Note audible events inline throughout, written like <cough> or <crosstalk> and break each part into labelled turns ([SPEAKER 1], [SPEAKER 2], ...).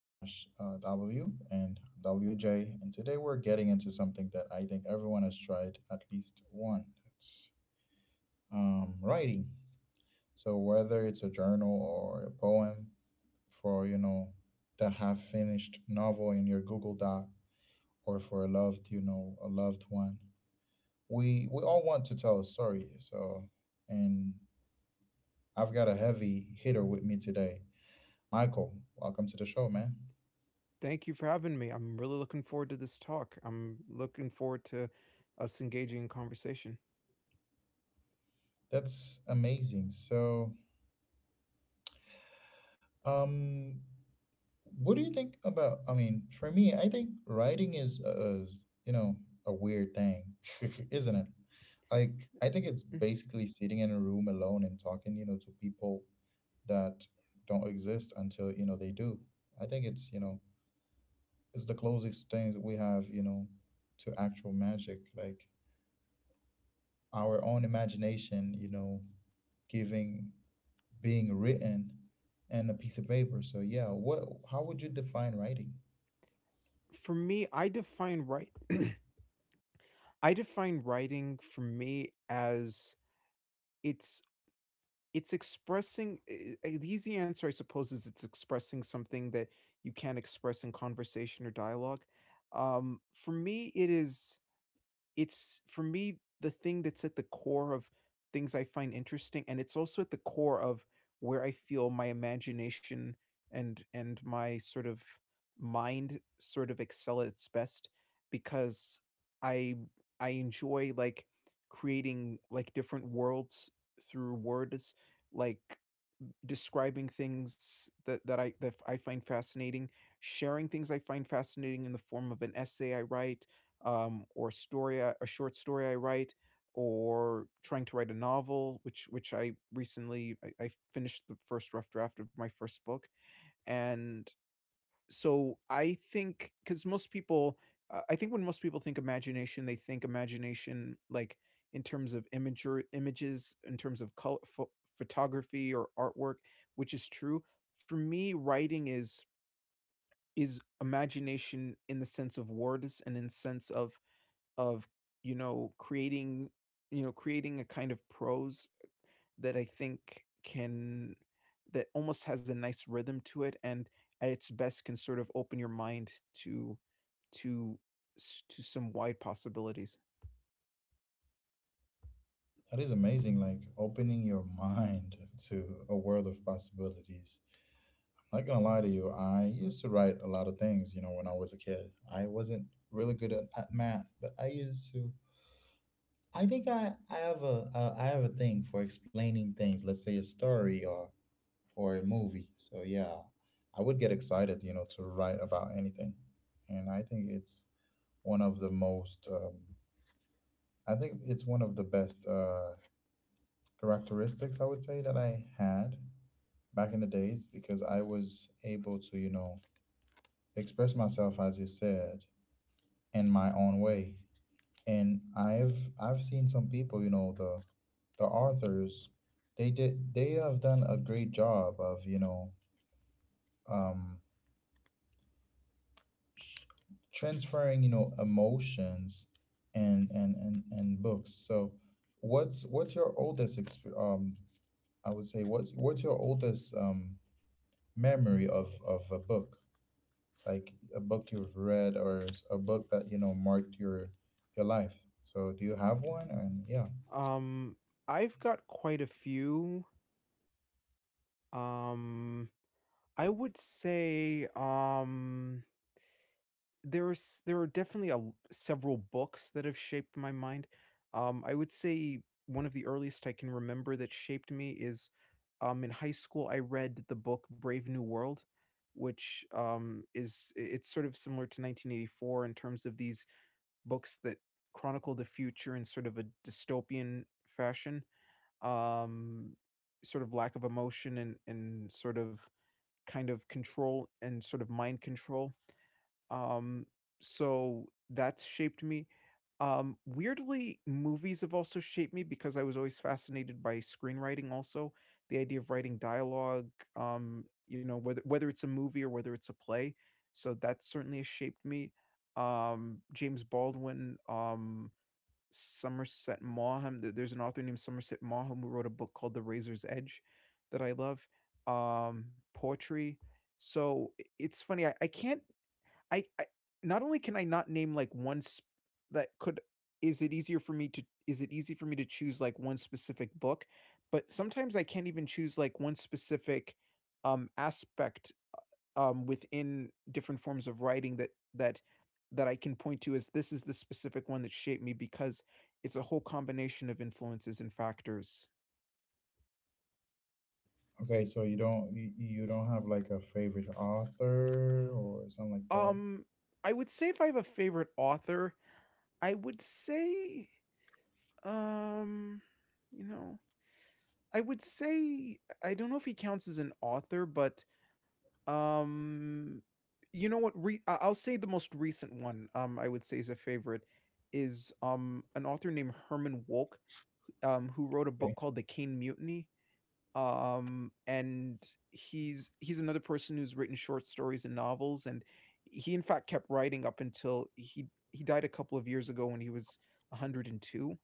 [SPEAKER 1] Dash W and WJ. And today we're getting into something that I think everyone has tried at least once. It's Writing. So, whether it's a journal, or a poem, for that half finished novel in your Google Doc, or for a loved one, we all want to tell a story. So, and I've got a heavy hitter with me today. Michael, welcome to the show, man.
[SPEAKER 2] Thank you for having me. I'm really looking forward to this talk. I'm looking forward to us engaging in conversation.
[SPEAKER 1] That's amazing. So, um, what do you think about? I mean, for me, I think writing is, you know, a weird thing, <laughs> isn't it? Like, I think it's
[SPEAKER 2] Mm.
[SPEAKER 1] basically sitting in a room alone and talking, you know, to people that don't exist until, you know, they do. I think it's, you know, it's the closest things we have, you know, to actual magic. Like, our own imagination, you know, giving being written and a piece of paper. So yeah, what, how would you define writing?
[SPEAKER 2] For me, I define write I define writing for me as it's it's expressing the easy answer I suppose is it's expressing something that you can't express in conversation or dialogue. For me it is it's for me, the thing that's at the core of things I find interesting, and it's also at the core of where I feel my imagination and my sort of mind sort of excel at its best because I I enjoy like creating like different worlds through words, like describing things that I find fascinating, sharing things I find fascinating in the form of an essay I write, or a story, a short story I write, or trying to write a novel, which I finished the first rough draft of my first book, and so I think because most people, I think when most people think imagination, they think imagination like in terms of images, in terms of color, photography or artwork, which is true. For me, writing is imagination in the sense of words and in sense of you know creating you know creating a kind of prose that I think can that almost has a nice rhythm to it, and at its best can sort of open your mind to to to some wide possibilities.
[SPEAKER 1] That is amazing, like opening your mind to a world of possibilities. I'm not gonna lie to you, I used to write a lot of things, you know, when I was a kid. I wasn't really good at math, but I used to, I think I have a I have a thing for explaining things, let's say a story or a movie. So yeah, I would get excited, you know, to write about anything. And I think it's one of the most, I think it's one of the best characteristics I would say that I had back in the days because I was able to, you know, express myself, as you said, in my own way. And I've seen some people, you know, the authors, they have done a great job of, you know, um, transferring, you know, emotions and and books. So what's your I would say, what's your oldest memory of a book, like a book you've read or a book that, you know, marked your life, so do you have one? And yeah,
[SPEAKER 2] Um, I've got quite a few. Um, I would say there are definitely a several books that have shaped my mind. I would say one of the earliest I can remember that shaped me is, in high school, I read the book Brave New World, which, is it's sort of similar to 1984 in terms of these books that chronicle the future in sort of a dystopian fashion, um, sort of lack of emotion and sort of kind of control and sort of mind control. Um, so that's shaped me. Weirdly, movies have also shaped me because I was always fascinated by screenwriting also, the idea of writing dialogue, you know, whether it's a movie or whether it's a play. So that certainly has shaped me. James Baldwin, there's an author named Somerset Maugham who wrote a book called The Razor's Edge that I love. Poetry. So it's funny, I can't I not only can I not name like one sp- that could is it easy for me to choose like one specific book, but sometimes I can't even choose like one specific aspect within different forms of writing that I can point to as this is the specific one that shaped me because it's a whole combination of influences and factors.
[SPEAKER 1] okay, so you don't, you don't have like a favorite author or something like that?
[SPEAKER 2] Um I would say if I have a favorite author, I would say um you know I would say I don't know if he counts as an author, but um, you know what? Will say the most recent one. I would say is a favorite is an author named Herman Wouk, who wrote a
[SPEAKER 1] Okay.
[SPEAKER 2] book called The Caine Mutiny. And he's another person who's written short stories and novels, and he in fact kept writing up until he died a couple of years ago when he was 102.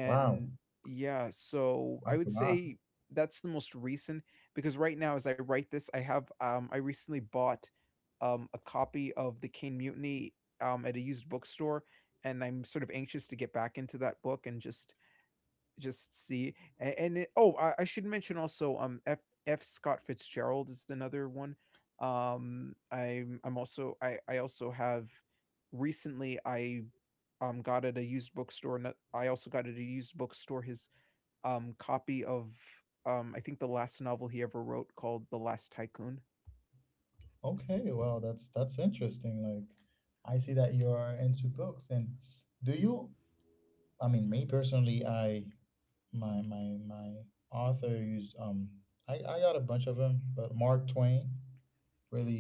[SPEAKER 1] Wow,
[SPEAKER 2] yeah, so I
[SPEAKER 1] that's a
[SPEAKER 2] would
[SPEAKER 1] lot.
[SPEAKER 2] say that's the most recent because right now as I write this, I have I recently bought a copy of The Kane Mutiny at a used bookstore, and I'm sort of anxious to get back into that book and just see oh I should mention also F. Scott Fitzgerald is another one. I also have recently I got at a used bookstore, and I also got at a used bookstore his copy of, I think the last novel he ever wrote, called The Last Tycoon.
[SPEAKER 1] Okay, well, that's interesting. Like, I see that you are into books, and do you? I mean, me personally, I, my author is I got a bunch of them, but Mark Twain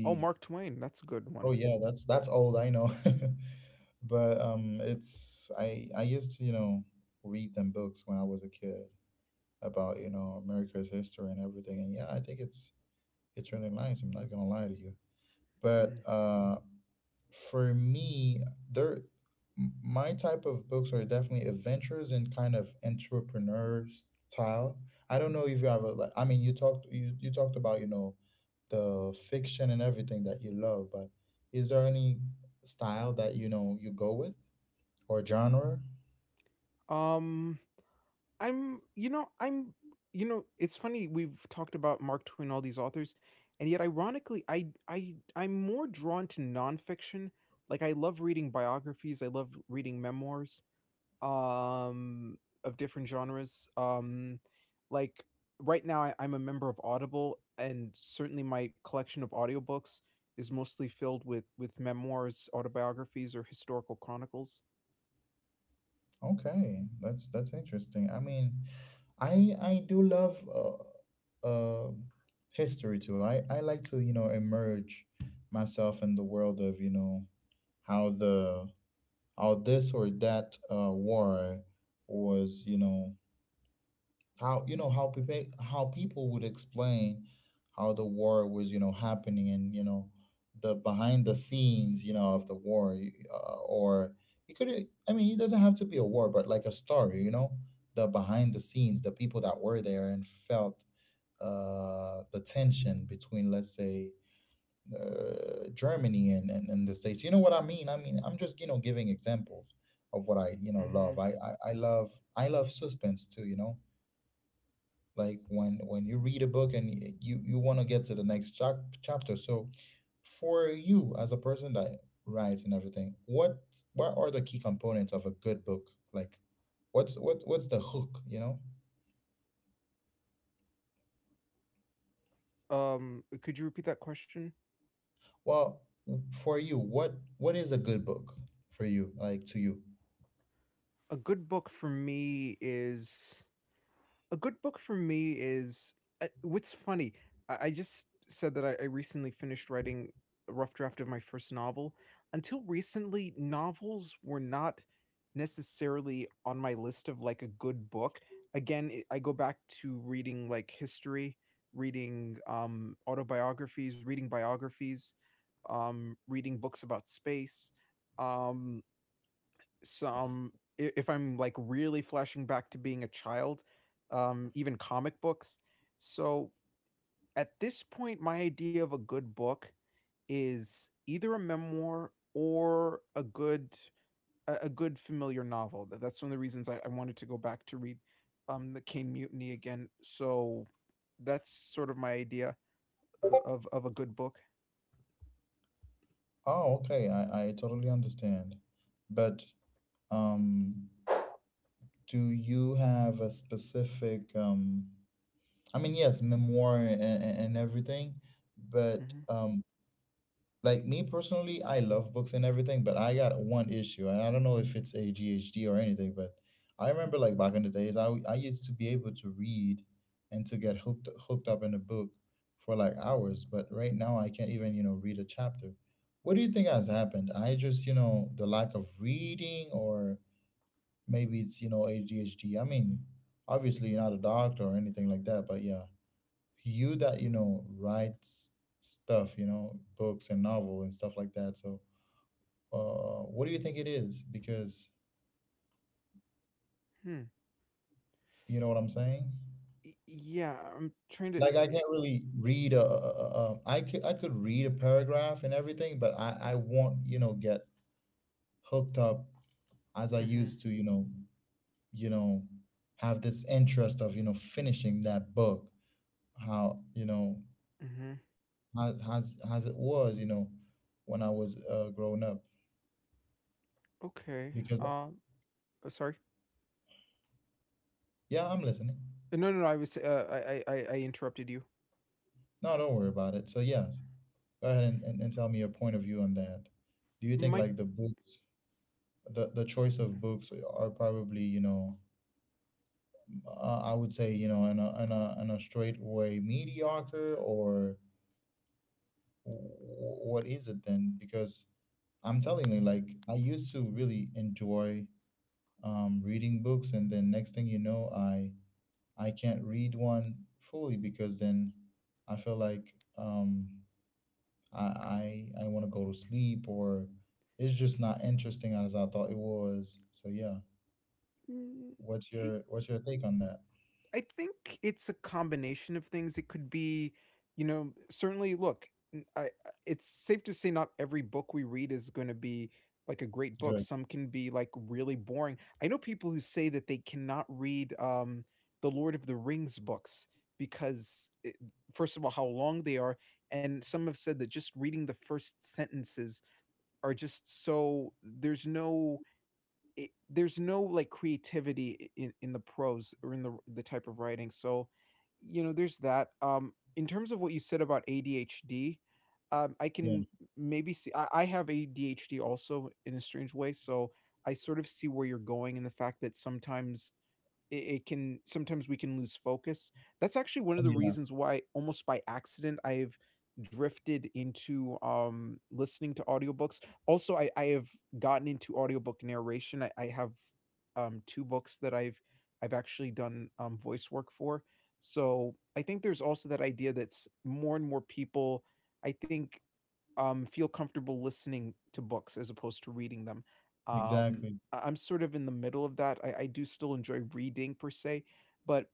[SPEAKER 2] Oh, Mark Twain. That's a good
[SPEAKER 1] Oh
[SPEAKER 2] one.
[SPEAKER 1] yeah, that's old. I know, <laughs> but it's, I used to, you know, read them books when I was a kid about, you know, America's history and everything, and yeah, I think it's really nice. I'm not gonna lie to you, but
[SPEAKER 2] Mm.
[SPEAKER 1] uh. For me, there, my type of books are definitely adventures and kind of entrepreneur style. I don't know if you have a, like, I mean you talked, you talked about, you know, the fiction and everything that you love, but is there any style that, you know, you go with, or genre?
[SPEAKER 2] Um, I'm, I'm, you know, it's funny we've talked about Mark Twain, all these authors, and yet ironically, I'm more drawn to nonfiction. Like I love reading biographies. I love reading memoirs, um of different genres, like right now I'm a member of Audible, and certainly my collection of audiobooks is mostly filled with memoirs, autobiographies, or historical chronicles.
[SPEAKER 1] Okay, that's interesting. I mean, I do love uh, history too. I like to, you know, emerge myself in the world of, you know, how the, how this or that war was, you know, how, you know, how people would explain how the war was, you know, happening, and, you know, the behind the scenes, you know, of the war, or it could, I mean it doesn't have to be a war but like a story, you know, the behind the scenes, the people that were there and felt the tension between, let's say, Germany and, and the states, you know what I mean? I mean I'm just, you know, giving examples of what I you know
[SPEAKER 2] Hmm.
[SPEAKER 1] love. I love, I love suspense too, you know, like when you read a book and you you want to get to the next chapter. So for you, as a person that writes and everything, what are the key components of a good book? Like what's, what's the hook, you know?
[SPEAKER 2] Could you repeat that question?
[SPEAKER 1] Well, for you, what is a good book for you, like, to you?
[SPEAKER 2] A good book for me is a good book for me is what's funny, I just said that I recently finished writing a rough draft of my first novel. Until recently, novels were not necessarily on my list of, like, a good book. Again, I go back to reading, like, history, reading, autobiographies, reading biographies, reading books about space, um some if I'm like really flashing back to being a child, even comic books. So at this point, my idea of a good book is either a memoir or a good familiar novel. That's one of the reasons I wanted to go back to read the Kane Mutiny again. So that's sort of my idea of a good book.
[SPEAKER 1] Oh okay, I totally understand, but um do you have a specific, I mean, yes, memoir and, everything, but
[SPEAKER 2] Mm-hmm.
[SPEAKER 1] like, me personally, I love books and everything, but I got one issue, and I don't know if it's ADHD or anything, but I remember like back in the days, I used to be able to read and to get hooked up in a book for like hours, but right now I can't even, you know, read a chapter. What do you think has happened? I just, you know, the lack of reading or maybe it's, you know, ADHD. Mean, obviously you're not a doctor or anything like that, but yeah, you that, you know, writes stuff, you know, books and novel and stuff like that. So what do you think it is? Because
[SPEAKER 2] Hmm.
[SPEAKER 1] you know what I'm saying,
[SPEAKER 2] Yeah, I'm trying to.
[SPEAKER 1] like I can't really read I could read a paragraph and everything but I won't, you know, get hooked up as I
[SPEAKER 2] Mm-hmm.
[SPEAKER 1] used to, you know, you know, have this interest of, you know, finishing that book, how, you know,
[SPEAKER 2] Mm-hmm.
[SPEAKER 1] as as it was, you know, when I was growing up,
[SPEAKER 2] Okay.
[SPEAKER 1] because
[SPEAKER 2] Sorry.
[SPEAKER 1] yeah, I'm listening.
[SPEAKER 2] No, no, no. I was. I interrupted you.
[SPEAKER 1] No, don't worry about it. So yes, go ahead and, and tell me your point of view on that. Do you think
[SPEAKER 2] My.
[SPEAKER 1] like the books, the choice of books are probably, you know, I would say, you know, in a, in a, in a straight way mediocre or what is it then? Because I'm telling you, like I used to really enjoy reading books and then next thing you know, I can't read one fully because then I feel like, I want to go to sleep, or it's just not interesting as I thought it was. So yeah,
[SPEAKER 2] Mm.
[SPEAKER 1] what's your, what's your take on that?
[SPEAKER 2] I think it's a combination of things. It could be, you know, certainly look, it's safe to say not every book we read is going to be like a great book.
[SPEAKER 1] Good.
[SPEAKER 2] Some can be like really boring. I know people who say that they cannot read the Lord of the Rings books because first of all, how long they are, and some have said that just reading the first sentences are just so there's no there's no like creativity in the prose or in the type of writing. So, you know, there's that. In terms of what you said about ADHD, I
[SPEAKER 1] Yeah.
[SPEAKER 2] can maybe see. I have ADHD also in a strange way, so I sort of see where you're going, and the fact that sometimes it can sometimes we can lose focus. That's actually one
[SPEAKER 1] Oh
[SPEAKER 2] of the
[SPEAKER 1] yeah.
[SPEAKER 2] reasons why almost by accident I've drifted into listening to audiobooks. Also I have gotten into audiobook narration. I have two books that I've actually done voice work for. So I think there's also that idea that's more and more people I think feel comfortable listening to books as opposed to reading them. Um,
[SPEAKER 1] Exactly.
[SPEAKER 2] I'm sort of in the middle of that. I do still enjoy reading per se, but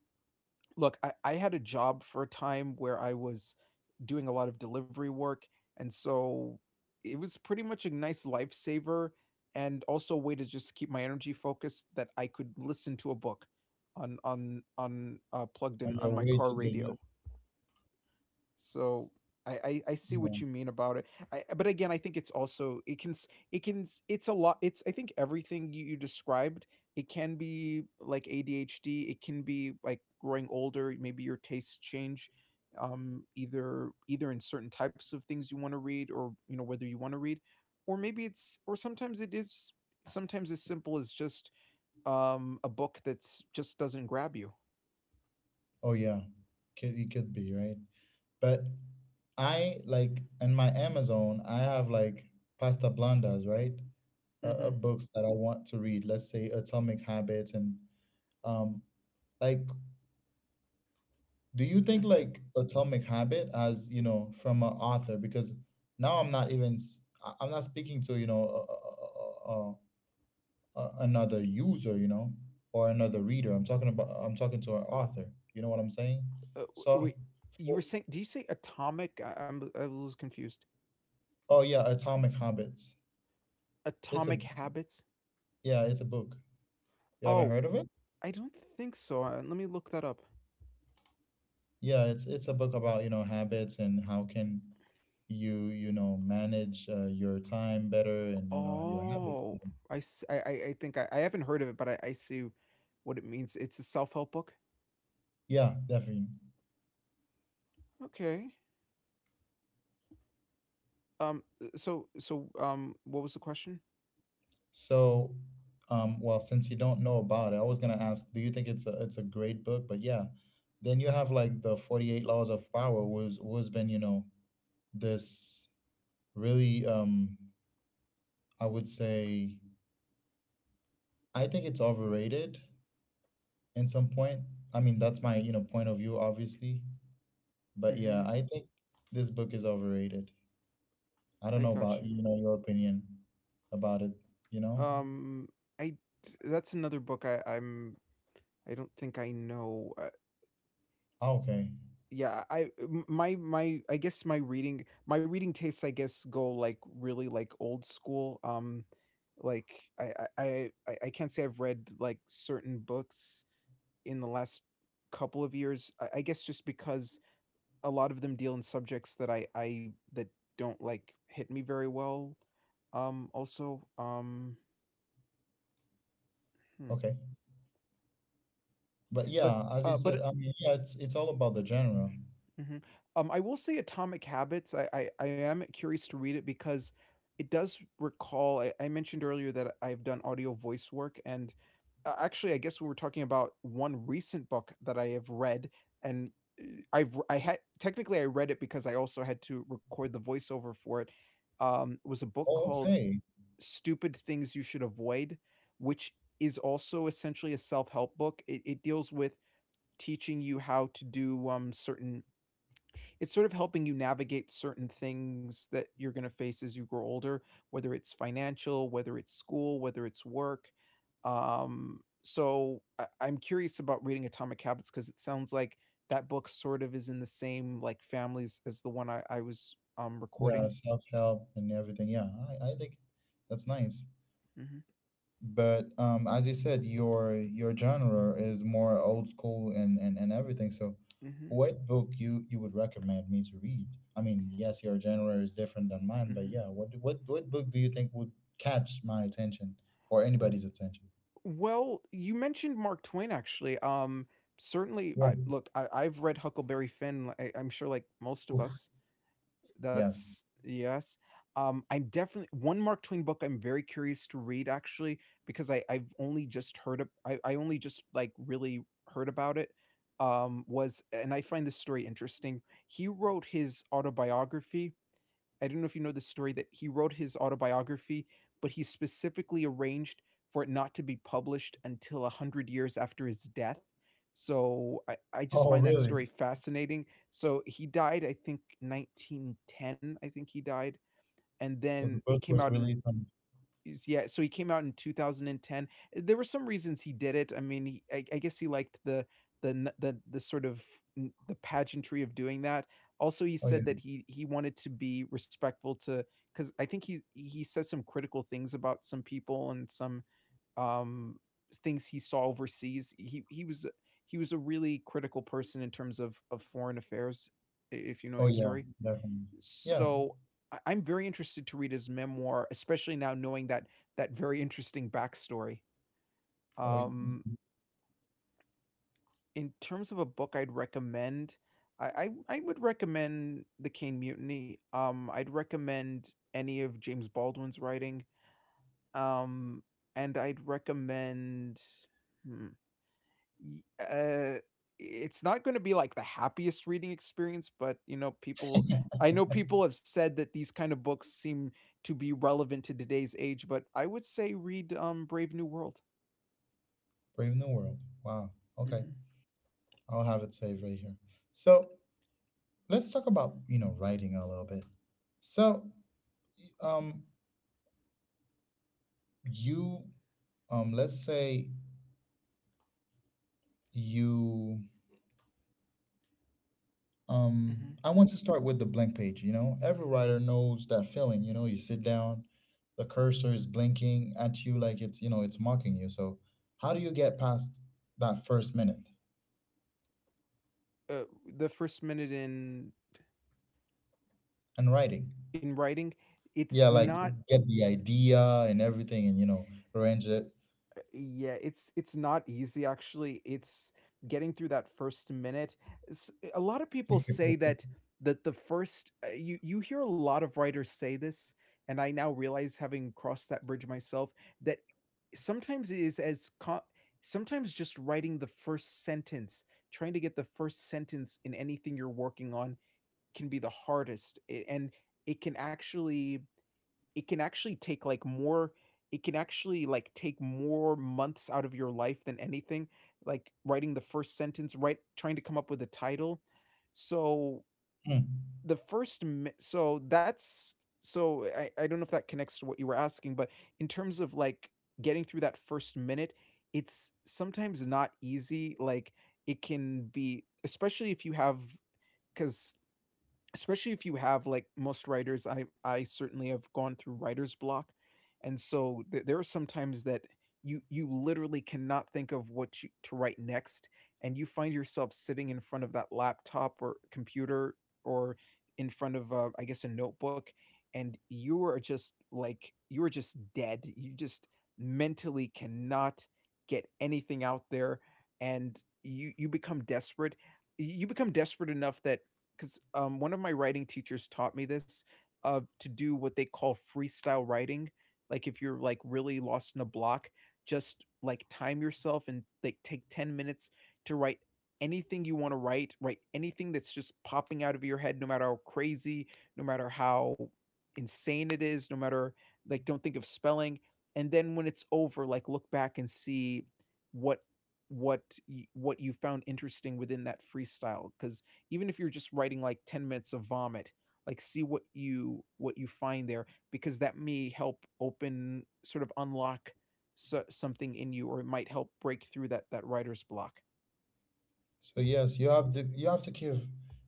[SPEAKER 2] look, I had a job for a time where I was doing a lot of delivery work, and so it was pretty much a nice lifesaver, and also a way to just keep my energy focused that I could listen to a book on plugged
[SPEAKER 1] On
[SPEAKER 2] in on
[SPEAKER 1] your
[SPEAKER 2] my
[SPEAKER 1] way
[SPEAKER 2] car
[SPEAKER 1] to the li-.
[SPEAKER 2] radio. So I see what
[SPEAKER 1] Yeah.
[SPEAKER 2] you mean about it. I, but again, I think it's also it can it can it's a lot. It's I think everything you described. It can be like ADHD. It can be like growing older. Maybe your tastes change, either in certain types of things you want to read, or you know whether you want to read, or maybe it's or sometimes it is sometimes as simple as just a book that's just doesn't grab you.
[SPEAKER 1] Oh yeah. Could, it could be, right? But I like, in my Amazon I have like pasta blandas, right,
[SPEAKER 2] Mm-hmm.
[SPEAKER 1] books that I want to read. Let's say Atomic Habits and um, like, do you think
[SPEAKER 2] Mm-hmm.
[SPEAKER 1] like atomic habit as, you know, from an author? Because now I'm not even s- I- I'm not speaking to, you know, a, a, a, another user, you know, or another reader. I'm talking about, I'm talking to an author, you know what I'm saying? So
[SPEAKER 2] Wait, you were
[SPEAKER 1] for,
[SPEAKER 2] saying? Do you say atomic? I'm I was confused.
[SPEAKER 1] oh yeah, atomic habits, it's a,
[SPEAKER 2] Atomic Habits?
[SPEAKER 1] yeah, it's a book. You haven't
[SPEAKER 2] Oh,
[SPEAKER 1] heard of it?
[SPEAKER 2] I don't think so. Let me look that up.
[SPEAKER 1] Yeah, it's a book about, you know, habits and how can you, you know, manage your time better, and, you know, your habits.
[SPEAKER 2] Oh, I think I haven't heard of it, but I see what it means. It's a self help book.
[SPEAKER 1] Yeah, definitely.
[SPEAKER 2] Okay. So so what was the question?
[SPEAKER 1] So, well, since you don't know about it, I was gonna ask, do you think it's a, it's a great book? But yeah, then you have like the 48 Laws of Power, was been, you know, this really um, I would say, I think it's overrated in some point. I mean, that's my, you know, point of view, obviously. But
[SPEAKER 2] Mm-hmm.
[SPEAKER 1] yeah, I think this book is overrated. I
[SPEAKER 2] I
[SPEAKER 1] don't know
[SPEAKER 2] got
[SPEAKER 1] about,
[SPEAKER 2] you.
[SPEAKER 1] you know, your opinion about it. You know?
[SPEAKER 2] Um. I that's another book I don't think I know.
[SPEAKER 1] Ah, okay,
[SPEAKER 2] Yeah I my I guess my reading tastes I guess go like really like old school, like I can't say I've read like certain books in the last couple of years. I guess just because a lot of them deal in subjects that I that don't like hit me very well, also hmm.
[SPEAKER 1] okay. But
[SPEAKER 2] but
[SPEAKER 1] yeah, as you said,
[SPEAKER 2] but
[SPEAKER 1] I mean, yeah, it's all about the genre.
[SPEAKER 2] Mhm. I will say Atomic Habits, I am curious to read it because it does recall. I mentioned earlier that I've done audio voice work, and a actually, I guess we were talking about one recent book that I have read, and, eh, I've I had technically, I read it because I also had to record the voiceover for it, was a book
[SPEAKER 1] Oh,
[SPEAKER 2] called
[SPEAKER 1] okay.
[SPEAKER 2] Stupid Things You Should Avoid, which is also essentially a self-help book. It deals with teaching you how to do, certain it's sort of helping you navigate certain things that you're going to face as you grow older, whether it's financial, whether it's school, whether it's work. So I'm curious about reading Atomic Habits because it sounds like that book sort of is in the same like families as the one I was
[SPEAKER 1] Yeah,
[SPEAKER 2] recording.
[SPEAKER 1] self-help and everything. Yeah, I think that's nice.
[SPEAKER 2] Mm-hmm,
[SPEAKER 1] But as you said, your genre is more old school and everything. So
[SPEAKER 2] mm-hmm,
[SPEAKER 1] what book you, you would recommend me to read? I mean, yes, your genre is different than mine,
[SPEAKER 2] mm-hmm.
[SPEAKER 1] but yeah, what book do you think would catch my attention, or
[SPEAKER 2] W-
[SPEAKER 1] anybody's attention?
[SPEAKER 2] well, you mentioned Mark Twain actually. Certainly,
[SPEAKER 1] Yeah.
[SPEAKER 2] I look. I've read Huckleberry Finn. I'm sure, like most of
[SPEAKER 1] Oof.
[SPEAKER 2] us.
[SPEAKER 1] Yes.
[SPEAKER 2] That's yes. I'm definitely one Mark Twain book I'm very curious to read actually because I only just like really heard about it. Was and I find this story interesting. He wrote his autobiography I don't know if you know this story that he wrote his autobiography, but he specifically arranged for it not to be published until 100 years after his death. So I just
[SPEAKER 1] Oh,
[SPEAKER 2] find that
[SPEAKER 1] really?
[SPEAKER 2] story fascinating. So he died, I think, 1910, I think he died. And
[SPEAKER 1] So the
[SPEAKER 2] then it
[SPEAKER 1] book
[SPEAKER 2] came
[SPEAKER 1] was
[SPEAKER 2] out in
[SPEAKER 1] released on.
[SPEAKER 2] is- yeah so he came out in 2010. There were some reasons he did it. I mean I guess he liked the the the sort of the pageantry of doing that. Also he
[SPEAKER 1] Oh yeah.
[SPEAKER 2] said that he wanted to be respectful to because I think he said some critical things about some people and some um things he saw overseas. He was a really critical person in terms of foreign affairs, if you know
[SPEAKER 1] Oh
[SPEAKER 2] his
[SPEAKER 1] yeah,
[SPEAKER 2] story.
[SPEAKER 1] definitely. Yeah.
[SPEAKER 2] So I'm very interested to read his memoir, especially now knowing that that very interesting backstory.
[SPEAKER 1] Oh,
[SPEAKER 2] Um, in terms of a book I'd recommend, I, I would recommend The Cane Mutiny. I'd recommend any of James Baldwin's writing. Um, and I'd recommend. hmm, Y- Uh, it's not going to be like the happiest reading experience, but you know, people. I know people have said that these kind of books seem to be relevant to today's age, but I would say read Brave New World.
[SPEAKER 1] Brave New World. Wow. Okay.
[SPEAKER 2] Hmm.
[SPEAKER 1] I'll have it saved right here. So let's talk about, you know, writing a little bit. So um you let's say you
[SPEAKER 2] Hmm.
[SPEAKER 1] I want to start with the blank page, you know. Every writer knows that feeling, you know, you sit down, the cursor is blinking at you like, it's, you know, it's mocking you. So how do you get past that first minute
[SPEAKER 2] Uh, the first minute
[SPEAKER 1] and writing?
[SPEAKER 2] in writing, it's
[SPEAKER 1] Yeah, like,
[SPEAKER 2] not
[SPEAKER 1] get the idea and everything, and, you know, arrange it.
[SPEAKER 2] yeah, it's not easy actually. It's getting through that first minute. A lot of people say that that the first. You hear a lot of writers say this, and I now realize having crossed that bridge myself that sometimes it is as co sometimes just writing the first sentence, trying to get the first sentence in anything you're working on can be the hardest, and it can actually it can actually take, like, more it can actually, like, take more months out of your life than anything, like, writing the first sentence, right, trying to come up with a title. So,
[SPEAKER 1] Mm.
[SPEAKER 2] the first m so that's so I don't know if that connects to what you were asking, but in terms of, like, getting through that first minute, it's sometimes not easy, like, it can be because especially if you have like most writers I certainly have gone through writer's block, and so there are some times that you literally cannot think of to write next, and you find yourself sitting in front of that laptop or computer or in front of I guess a notebook, and you are just dead, you just mentally cannot get anything out there, and you become desperate. You become desperate enough that 'cause, one of my writing teachers taught me this, to do what they call freestyle writing. Like, if you're, like, really lost in a block, just, like, time yourself and, like, take 10 minutes to write anything you wanna write. Write anything that's just popping out of your head, no matter how crazy, no matter how insane it is, no matter like, don't think of spelling, and then when it's over, like, look back and see what what you found interesting within that freestyle. Because even if you're just writing like 10 minutes of vomit, like, see what you find there, because that may help open sort of unlock something in you, or it might help break through that writer's block.
[SPEAKER 1] So yes, you have to, you have to give,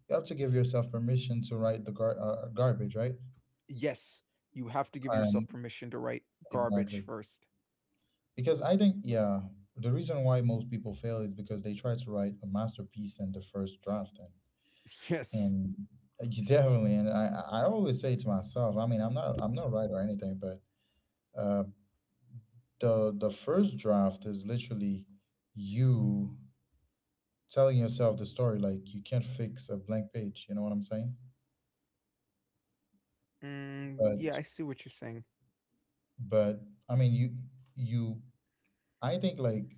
[SPEAKER 1] you have to give yourself permission to write the garbage, right?
[SPEAKER 2] Yes, you have to give yourself
[SPEAKER 1] And
[SPEAKER 2] permission to write garbage
[SPEAKER 1] exactly
[SPEAKER 2] first.
[SPEAKER 1] because I think the reason why most people fail is because they try to write a masterpiece in the first draft,
[SPEAKER 2] Yes.
[SPEAKER 1] and <laughs> you definitely and I always say to myself, I mean, I'm not a writer or anything, but uh, the first draft is literally you, telling yourself the story. Like, you can't fix a blank page you know what I'm saying
[SPEAKER 2] Mm, yeah, I
[SPEAKER 1] but
[SPEAKER 2] see what you're saying.
[SPEAKER 1] but I mean you you I think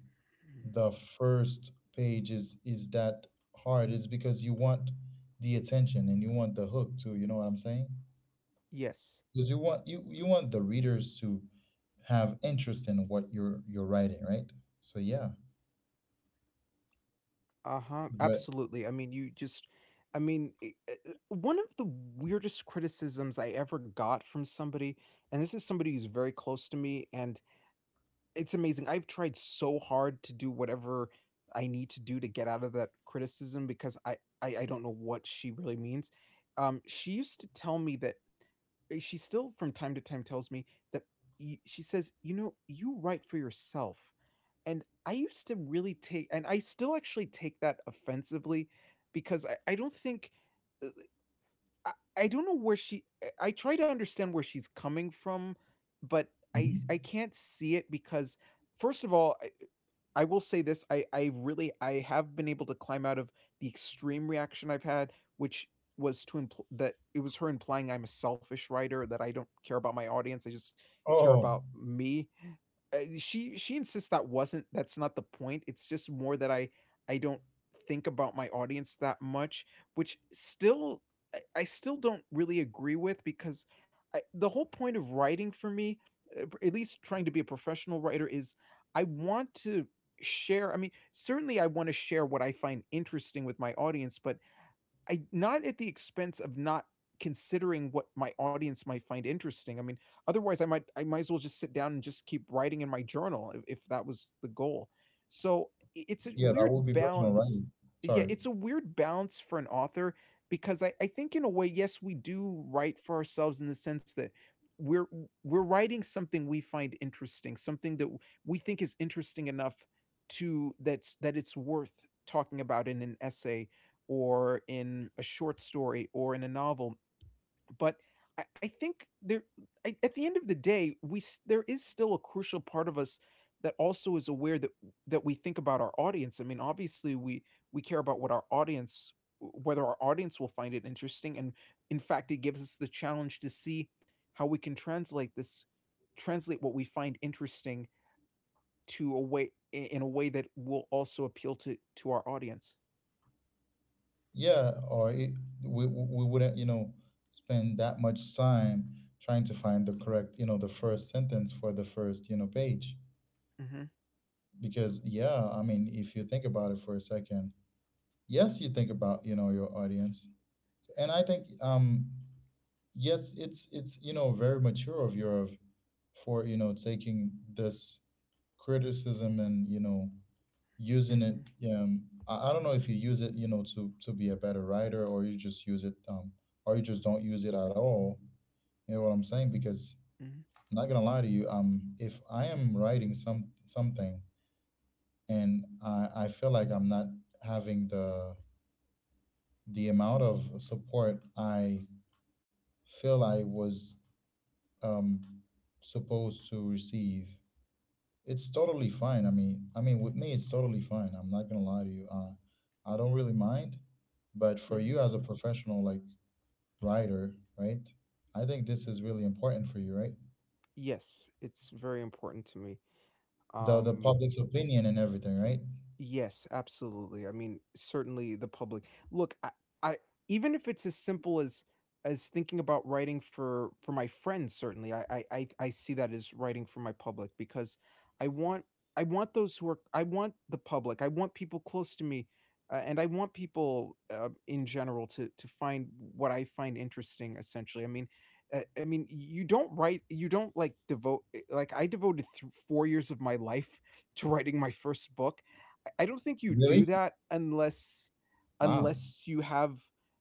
[SPEAKER 1] the first page is that hard. It's because you want the attention and you want the hook too you know what I'm saying
[SPEAKER 2] Yes.
[SPEAKER 1] because you want the readers to have interest in what you're writing, right? So yeah.
[SPEAKER 2] Uh-huh,
[SPEAKER 1] But.
[SPEAKER 2] absolutely. I mean, you just I mean, I one of the weirdest criticisms I ever got from somebody, and this is somebody who's very close to me, and it's amazing. I've tried so hard to do whatever I need to do to get out of that criticism because I don't know what she really means. She used to tell me that she still from time to time tells me that she says, you know, you write for yourself, and I used to really take, and I still actually take that offensively because I don't think. uh, I don't know where she try to understand where she's coming from, but
[SPEAKER 1] Mhm.
[SPEAKER 2] I can't see it because first of all, I will say this, I have been able to climb out of the extreme reaction I've had, which was to that it was her implying I'm a selfish writer, that I don't care about my audience, I just care
[SPEAKER 1] Oh
[SPEAKER 2] about me. She insists that's not the point. It's just more that I don't think about my audience that much, which still I still don't really agree with because the whole point of writing for me, at least trying to be a professional writer, is I want to share. I mean, certainly I want to share what I find interesting with my audience, but I not at the expense of not considering what my audience might find interesting. I mean, otherwise I might as well just sit down and just keep writing in my journal if that was the goal. So it's a
[SPEAKER 1] yeah, that
[SPEAKER 2] weird
[SPEAKER 1] would be personal
[SPEAKER 2] balance.
[SPEAKER 1] writing.
[SPEAKER 2] Yeah,
[SPEAKER 1] Sorry.
[SPEAKER 2] it's a weird balance for an author because I think in a way, yes, we do write for ourselves in the sense that we're we're writing something we find interesting, something that we think is interesting enough to that's that it's worth talking about in an essay or in a short story or in a novel. But I think there, I, at the end of the day, there is still a crucial part of us that also is aware that that we think about our audience. I mean, obviously, we care about what our audience, whether our audience will find it interesting, and in fact, it gives us the challenge to see how we can translate translate what we find interesting to a way in a way that will also appeal to our audience.
[SPEAKER 1] Yeah, we wouldn't, you know, spend that much time trying to find the correct, you know, the first sentence for the first, you know, page.
[SPEAKER 2] Hmm.
[SPEAKER 1] Because yeah, I mean, if you think about it for a second, yes, you think about, you know, your audience. So, and I think yes, you know, very mature of your for, you know, taking this criticism and, you know, using it.
[SPEAKER 2] Hmm.
[SPEAKER 1] I don't know if you use it, you know, to be a better writer, or you just use it or you just don't use it at all, you know what I'm saying because
[SPEAKER 2] Hmm.
[SPEAKER 1] I'm not gonna lie to you. If I am writing something and I feel like I'm not having the amount of support I feel I was um supposed to receive, it's totally fine. I mean, with me, it's totally fine. I'm not gonna lie to you. I don't really mind, but for you as
[SPEAKER 2] Hmm.
[SPEAKER 1] a professional like writer, right? I think this is really important for you, right?
[SPEAKER 2] Yes, it's very important to me.
[SPEAKER 1] The
[SPEAKER 2] um
[SPEAKER 1] public's opinion and everything, right?
[SPEAKER 2] Yes, absolutely. I mean, certainly the public. Look, I even if it's as simple as thinking about writing for my friends, certainly I see that as writing for my public because I want I want those who are I want the public. I want people close to me, and I want people in general to find what I find interesting. Essentially, I mean. You don't write, you don't like devote, like I devoted 4 years of my life <laughs> to writing my first book. I don't think you do
[SPEAKER 1] Really?
[SPEAKER 2] that unless
[SPEAKER 1] Wow.
[SPEAKER 2] unless you have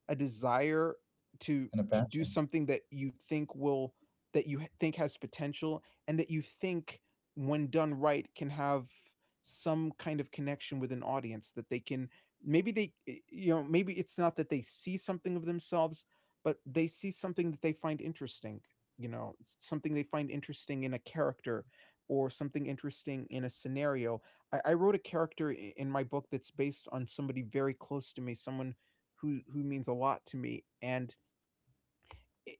[SPEAKER 2] a desire
[SPEAKER 1] And a
[SPEAKER 2] to do
[SPEAKER 1] passion.
[SPEAKER 2] something that you think will that you think has potential and that you think when done right can have some kind of connection with an audience that they can maybe you know, maybe it's not that they see something of themselves, but they see something that they find interesting. You know, something they find interesting in a character or something interesting in a scenario. I wrote a character in my book that's based on somebody very close to me, someone who means a lot to me, and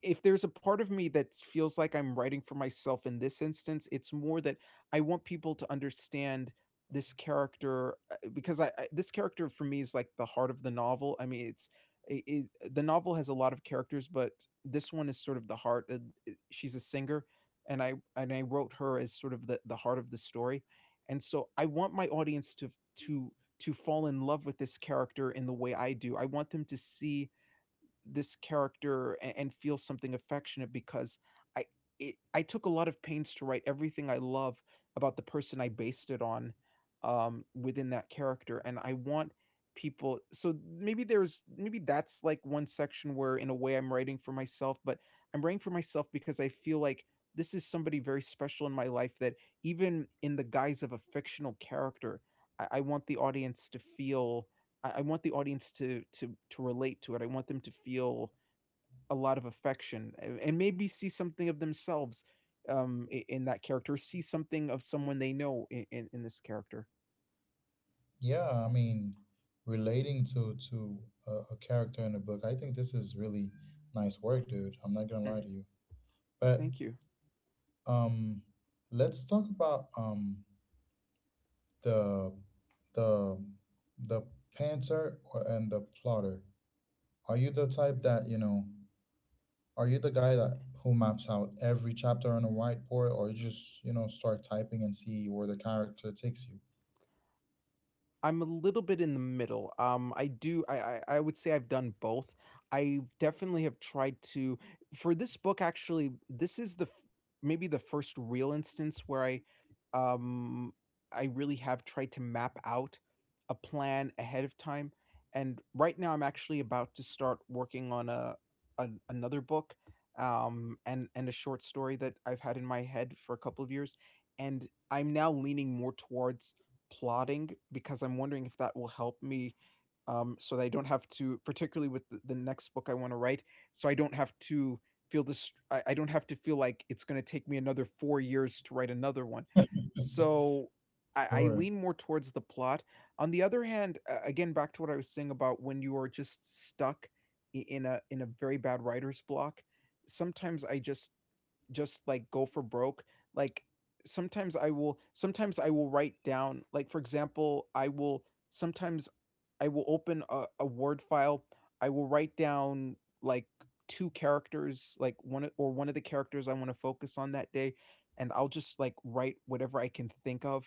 [SPEAKER 2] if there's a part of me that feels like I'm writing for myself in this instance, it's more that I want people to understand this character because I this character for me is like the heart of the novel. I mean, it's I the novel has a lot of characters, but this one is sort of the heart. She's a singer, and I wrote her as sort of the heart of the story, and so I want my audience to to fall in love with this character in the way I do. I want them to see this character and feel something affectionate because I I took a lot of pains to write everything I love about the person I based it on within that character, and I want people. So maybe that's like one section where, in a way, I'm writing for myself, but I'm writing for myself because I feel like this is somebody very special in my life that, even in the guise of a fictional character, I want the audience to feel I want the audience to relate to it. I want them to feel a lot of affection and maybe see something of themselves in that character, see something of someone they know in this character.
[SPEAKER 1] Yeah, I mean, relating to a character in a book, I think this is really nice work, dude. I'm not gonna lie
[SPEAKER 2] Mhm.
[SPEAKER 1] to you. But
[SPEAKER 2] Thank you.
[SPEAKER 1] um, let's talk about the the the pantser or- and the plotter. Are you the type that, you know, are you the guy that who maps out every chapter on a whiteboard, or you just, you know, start typing and see where the character takes you?
[SPEAKER 2] I'm a little bit in the middle. I do. I would say I've done both. I definitely have tried to. For this book, actually, this is the f- maybe the first real instance where um, I really have tried to map out a plan ahead of time. And right now, I'm actually about to start working on an another book, and a short story that I've had in my head for a couple of years, and I'm now leaning more towards plotting because I'm wondering if that will help me, so that I don't have to, particularly with the next book I want to write, so I don't have to feel this, I don't have to feel like it's going to take me another 4 years to write another one. So I
[SPEAKER 1] Sure.
[SPEAKER 2] lean more towards the plot. On the other hand, again, back to what I was saying about when you are just stuck in a very bad writer's block. Sometimes I just like go for broke, like sometimes I will write down, like, for example, I will sometimes I will open a word file. I will write down, like, two characters, like or one of the characters I want to focus on that day, and I'll just like write whatever I can think of,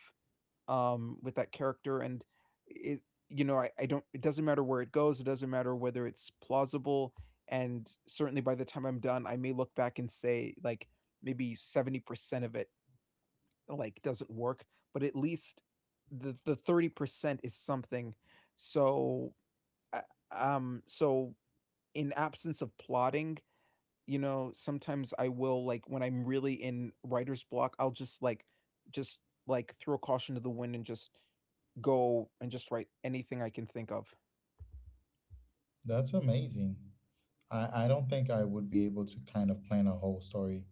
[SPEAKER 2] with that character, and it, you know, I don't. It doesn't matter where it goes. It doesn't matter whether it's plausible. And certainly, by the time I'm done, I may look back and say like maybe 70% of it like doesn't work, but at least the 30% is something. So, uh, so, in absence of plotting, you know, sometimes I will, like, when I'm really in writer's block, I'll just like throw caution to the wind and just go and just write anything I can think of.
[SPEAKER 1] That's amazing. I don't think I would be able to kind of plan a whole story,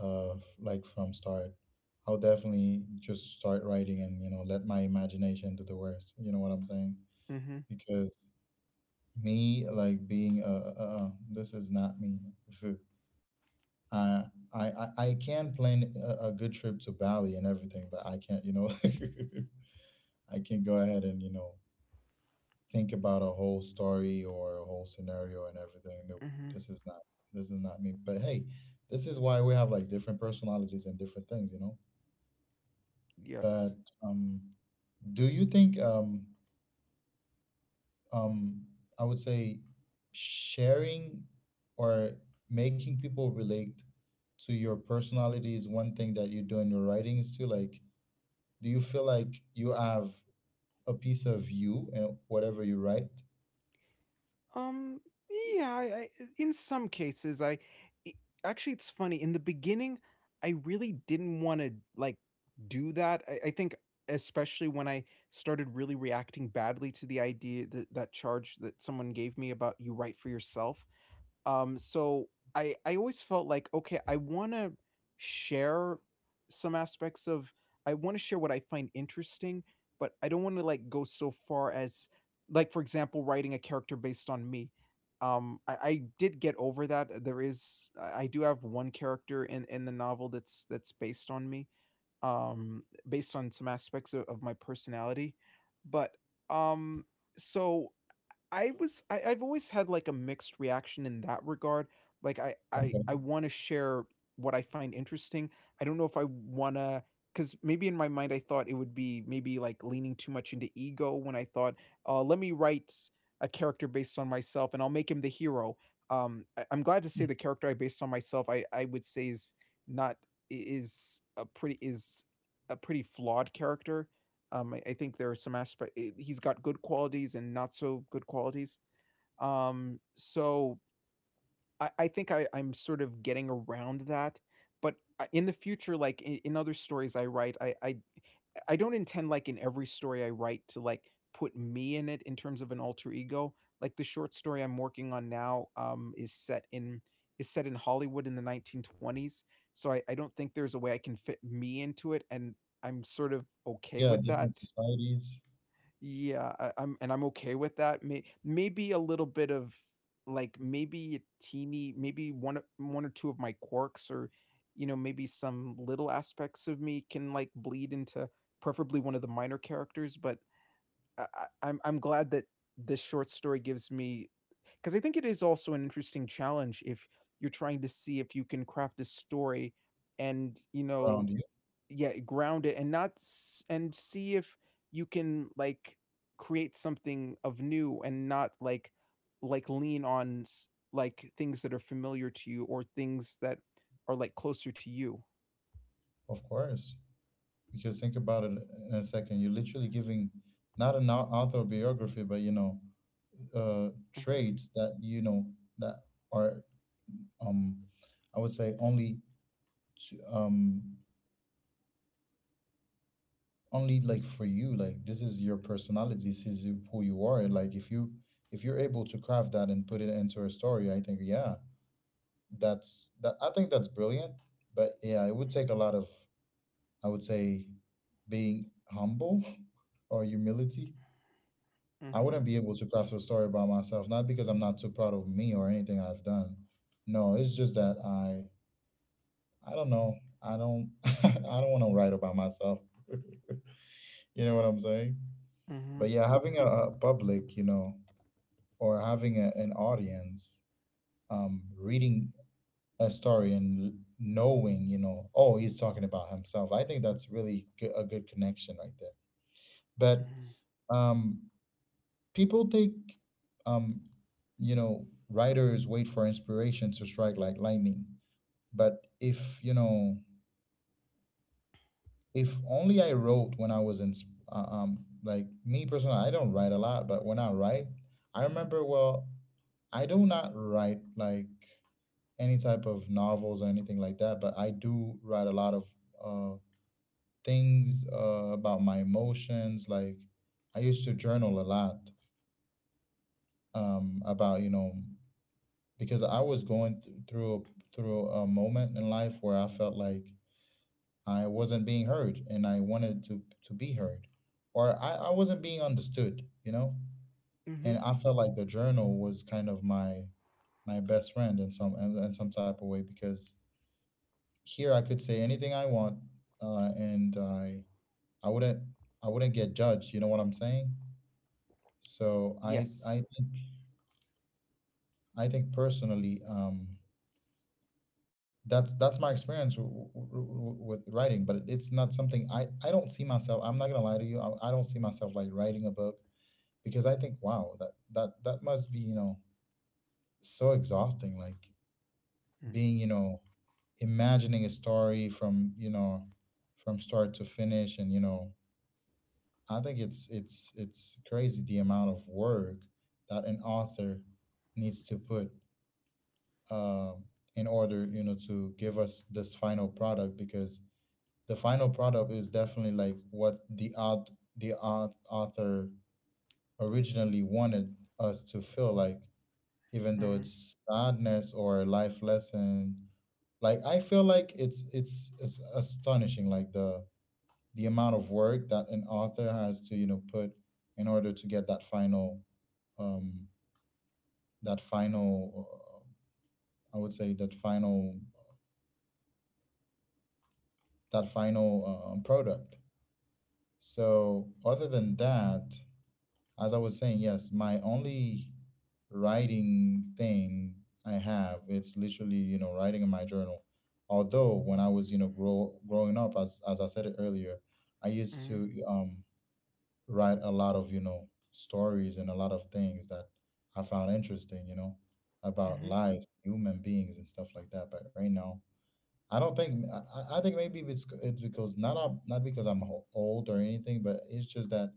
[SPEAKER 1] like from start. I'll definitely just start writing and, you know, let my imagination do the rest. You know what I'm saying?
[SPEAKER 2] Mhm.
[SPEAKER 1] Because me like being this is not me. Phew. I I can plan a good trip to Bali and everything, but I can't, you know, <laughs> I can't go ahead and, you know, think about a whole story or a whole scenario and everything. Nope.
[SPEAKER 2] Mhm.
[SPEAKER 1] This is not, this is not me, but hey, this is why we have like different personalities and different things, you know.
[SPEAKER 2] Yes.
[SPEAKER 1] But um do you think um, I would say sharing or making people relate to your personality is one thing that you do in your writings too. Like, do you feel like you have a piece of you in whatever you write?
[SPEAKER 2] Um. Yeah. In some cases, i- actually it's funny. In the beginning, I really didn't want to like do that. I think especially when I started really reacting badly to the idea that that charge that someone gave me about you write for yourself. So I always felt like, okay, I want to share some aspects of I want to share what I find interesting, but I don't want to like go so far as, like, for example, writing a character based on me. I did get over that. There is I do have one character in the novel that's based on me, based on some aspects of my personality, but um, so I was I I've always had, like, a mixed reaction in that regard, like, I I
[SPEAKER 1] Okay.
[SPEAKER 2] I wanna share what I find interesting. I don't know if I wanna to, cause maybe in my mind, I thought it would be maybe, like, leaning too much into ego when I thought, let me write a character based on myself, and I'll make him the hero." I'm glad to say the character I based on myself, I would say is not I is a pretty flawed character, I think there are some aspect I- He's got good qualities and not so good qualities. So I think I'm sort of getting around that. But, in the future, like in other stories I write, I don't intend, like, in every story I write to like put me in it in terms of an alter ego. Like the short story I'm working on now, is set in Hollywood in the 1920s. So I don't think there's a way I can fit me into it, and I'm sort of okay
[SPEAKER 1] Yeah,
[SPEAKER 2] with that.
[SPEAKER 1] different societies
[SPEAKER 2] Yeah, I I'm and I'm okay with that. Maybe a little bit of, like, maybe a teeny, maybe one or two of my quirks or, you know, maybe some little aspects of me can like bleed into preferably one of the minor characters, but I, I'm glad that this short story gives me, because I think it is also an interesting challenge if you're trying to see if you can craft a story and, you know,
[SPEAKER 1] around you,
[SPEAKER 2] yeah, ground it and not s- and see if you can like create something of new and not like like lean on things that are familiar to you or things that are like closer to you.
[SPEAKER 1] of course. Because think about it in a second, you're literally giving not an au- autobiography, but you know,
[SPEAKER 2] Hmm.
[SPEAKER 1] traits that you know that are, um, I would say, only to only like for you, like this is your personality, this is you- who you are, and like if you, if you're able to craft that and put it into a story, I think yeah, that's that I think that's brilliant. But yeah, it would take a lot of, I would say, being humble <laughs> or humility. I wouldn't
[SPEAKER 2] Hmm.
[SPEAKER 1] be able to craft a story about myself, not because I'm not too proud of me or anything I've done, no, it's just that I don't know, I don't <laughs> I don't want to write about myself, <laughs> you know what I'm saying. But
[SPEAKER 2] Hmm.
[SPEAKER 1] yeah, having a public, you know, or having a, an audience, reading a story and l- knowing, you know, oh, he's talking about himself. I think that's really g- a good connection right there. But um, people think, um, you know, writers wait for inspiration to strike like lightning. But if, you know, if only I wrote when I was in, like me personally, I don't write a lot, but when I write, I remember well. I do not write like any type of novels or anything like that, but I do write a lot of uh, things about my emotions. Like I used to journal a lot about, you know, because I was going th- through a, through a moment in life where I felt like I wasn't being heard and I wanted to be heard, or I wasn't being understood, you know.
[SPEAKER 2] Hmm. Hmm.
[SPEAKER 1] And I felt like the journal was kind of my my best friend in some type of way, because here I could say anything I want, and I wouldn't, I wouldn't get judged. You know what I'm saying? So
[SPEAKER 2] Yes.
[SPEAKER 1] I think personally, that's my experience w- w- w- with writing. But it's not something I. I don't see myself, I'm not gonna lie to you, I don't see myself like writing a book, because I think wow, that that that must be, you know, so exhausting. Like
[SPEAKER 2] Mm-hmm.
[SPEAKER 1] being, you know, imagining a story from, you know, from start to finish, and you know, I think it's crazy, the amount of work that an author needs to put uh in order, you know, to give us this final product, because the final product is definitely like what the art author originally wanted us to feel like, even though
[SPEAKER 2] Mm-hmm.
[SPEAKER 1] it's sadness or a life lesson. Like I feel like it's astonishing, like the amount of work that an author has to, you know, put in order to get um that final I would say that final product. So other than that, as I was saying, yes, my only writing thing I have, it's literally, you know, writing in my journal. Although when I was, you know, grow, growing up, as I said it earlier, I used
[SPEAKER 2] Mm-hmm.
[SPEAKER 1] to write a lot of, you know, stories and a lot of things that I found interesting, you know, about life, human beings, and stuff like that. But right now, I don't think I think maybe it's because not I'm, not because I'm ho- old or anything, but it's just that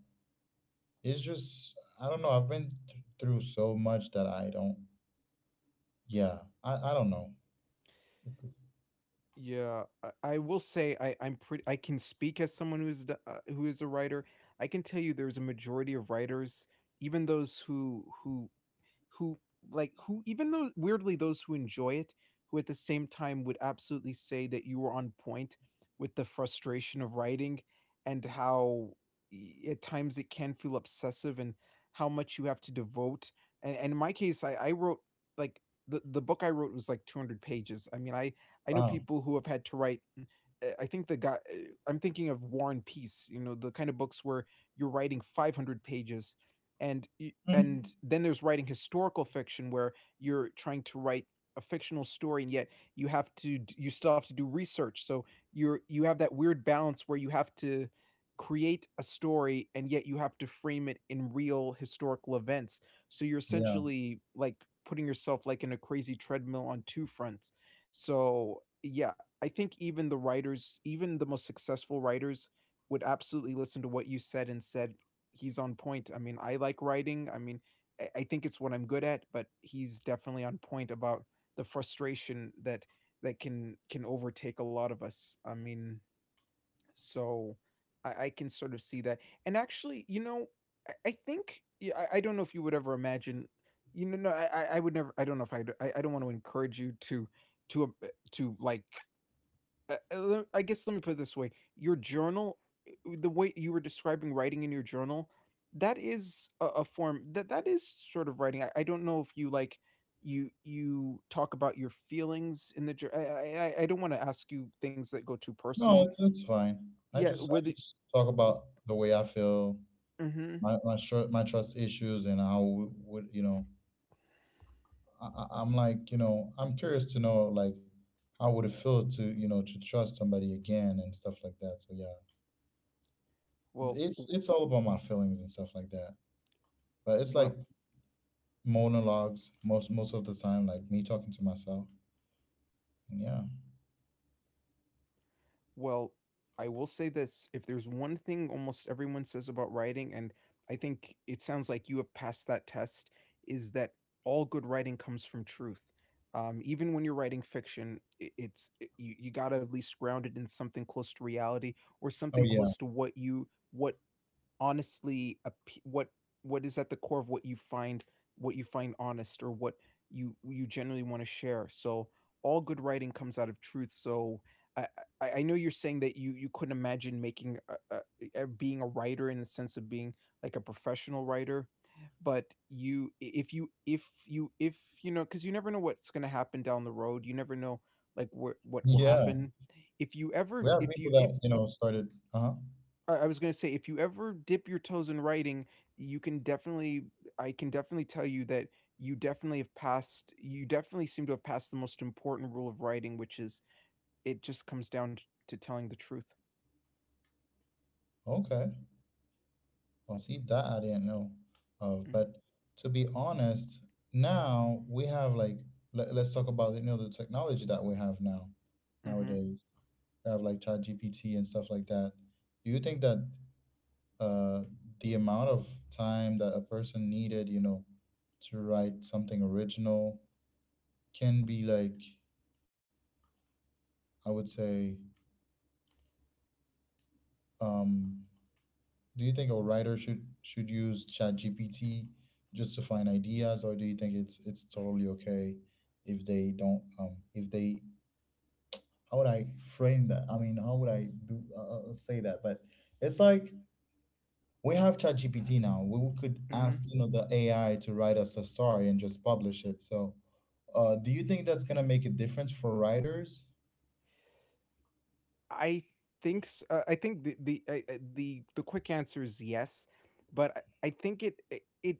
[SPEAKER 1] it's just I don't know. I've been th- through so much that I don't. Yeah, I don't know.
[SPEAKER 2] Yeah, I will say I I'm pretty I can speak as someone who's who is a writer. I can tell you there's a majority of writers, even those who who who like who even though weirdly those who enjoy it, who at the same time would absolutely say that you were on point with the frustration of writing and how, at times, it can feel obsessive and how much you have to devote, and in my case I wrote, like, the book I wrote was like 200 pages. I know
[SPEAKER 1] Wow.
[SPEAKER 2] people who have had to write, I think the guy, I'm thinking of War and Peace, you know, the kind of books where you're writing 500 pages and
[SPEAKER 1] Mm.
[SPEAKER 2] and then there's writing historical fiction where you're trying to write a fictional story and yet you have to you still have to do research. So you have that weird balance where you have to create a story and yet you have to frame it in real historical events. So you're
[SPEAKER 1] Yeah.
[SPEAKER 2] essentially like putting yourself like in a crazy treadmill on two fronts. So, yeah, I think even the writers, even the most successful writers, would absolutely listen to what you said and said, he's on point. I mean, I like writing. I mean, I think it's what I'm good at, but he's definitely on point about the frustration that that can overtake a lot of us. I mean, so I can sort of see that. And actually, you know, I think yeah, I don't know if you would ever imagine. You know, no, I would never. I don't know if I'd, I. I don't want to encourage you to to a- to like. I guess let me put it this way: your journal, the way you were describing writing in your journal, that is a form that is sort of writing. I don't know if you like you talk about your feelings in the jour- I don't want to ask you things that go too
[SPEAKER 1] No,
[SPEAKER 2] personal.
[SPEAKER 1] it's fine.
[SPEAKER 2] Yeah,
[SPEAKER 1] I
[SPEAKER 2] whether.
[SPEAKER 1] just talk about the way I feel,
[SPEAKER 2] Mm-hmm.
[SPEAKER 1] my str- my trust issues, and how w- would you know? I- I'm like, you know, I'm curious to know like how would it feel to, you know, to trust somebody again and stuff like that. So yeah.
[SPEAKER 2] Well,
[SPEAKER 1] it's
[SPEAKER 2] w-
[SPEAKER 1] it's all about my feelings and stuff like that. But it's like
[SPEAKER 2] well,
[SPEAKER 1] monologues most most of the time, like me talking to myself. And yeah.
[SPEAKER 2] well. I will say this: if there's one thing almost everyone says about writing, and I think it sounds like you have passed that test, is that all good writing comes from truth. Even when you're writing fiction, you, you got to at least ground it in something close to reality or
[SPEAKER 1] Oh
[SPEAKER 2] something
[SPEAKER 1] yeah.
[SPEAKER 2] close to
[SPEAKER 1] <laughs>
[SPEAKER 2] what you what honestly appe what is at the core of what you find, what you find honest or what you generally want to share. So all good writing comes out of truth. So I, I know you're saying that you couldn't imagine making being a writer in the sense of being like a professional writer, but if you if you if you know, because you never know what's going to happen down the road. You never know like what will
[SPEAKER 1] Yeah.
[SPEAKER 2] happen if you
[SPEAKER 1] We
[SPEAKER 2] ever
[SPEAKER 1] have people
[SPEAKER 2] if you
[SPEAKER 1] that,
[SPEAKER 2] if
[SPEAKER 1] you know, started. Uh-huh.
[SPEAKER 2] I was gonna say, if you ever dip your toes in writing, you can definitely I can definitely tell you that you definitely seem to have passed the most important rule of writing, which is it just comes down t to telling the truth.
[SPEAKER 1] Okay. Well, see, that I didn't know of.
[SPEAKER 2] Mhm,
[SPEAKER 1] But to be honest, now we have like, let, let's talk about, you know, the technology that we have now
[SPEAKER 2] mhm,
[SPEAKER 1] nowadays. We have like chat GPT and stuff like that. Do you think that uh, the amount of time that a person needed, you know, to write something original can be like, I would say, um, do you think a writer should use ChatGPT just to find ideas, or do you think it's totally okay if they don't, if they, how would I frame that? I mean, how would I do say that? But it's like we have ChatGPT now. We could ask,
[SPEAKER 2] mhm.
[SPEAKER 1] you know, the AI to write us a story and just publish it. So do you think that's gonna make a difference for writers?
[SPEAKER 2] I I think the quick answer is yes, but I think it,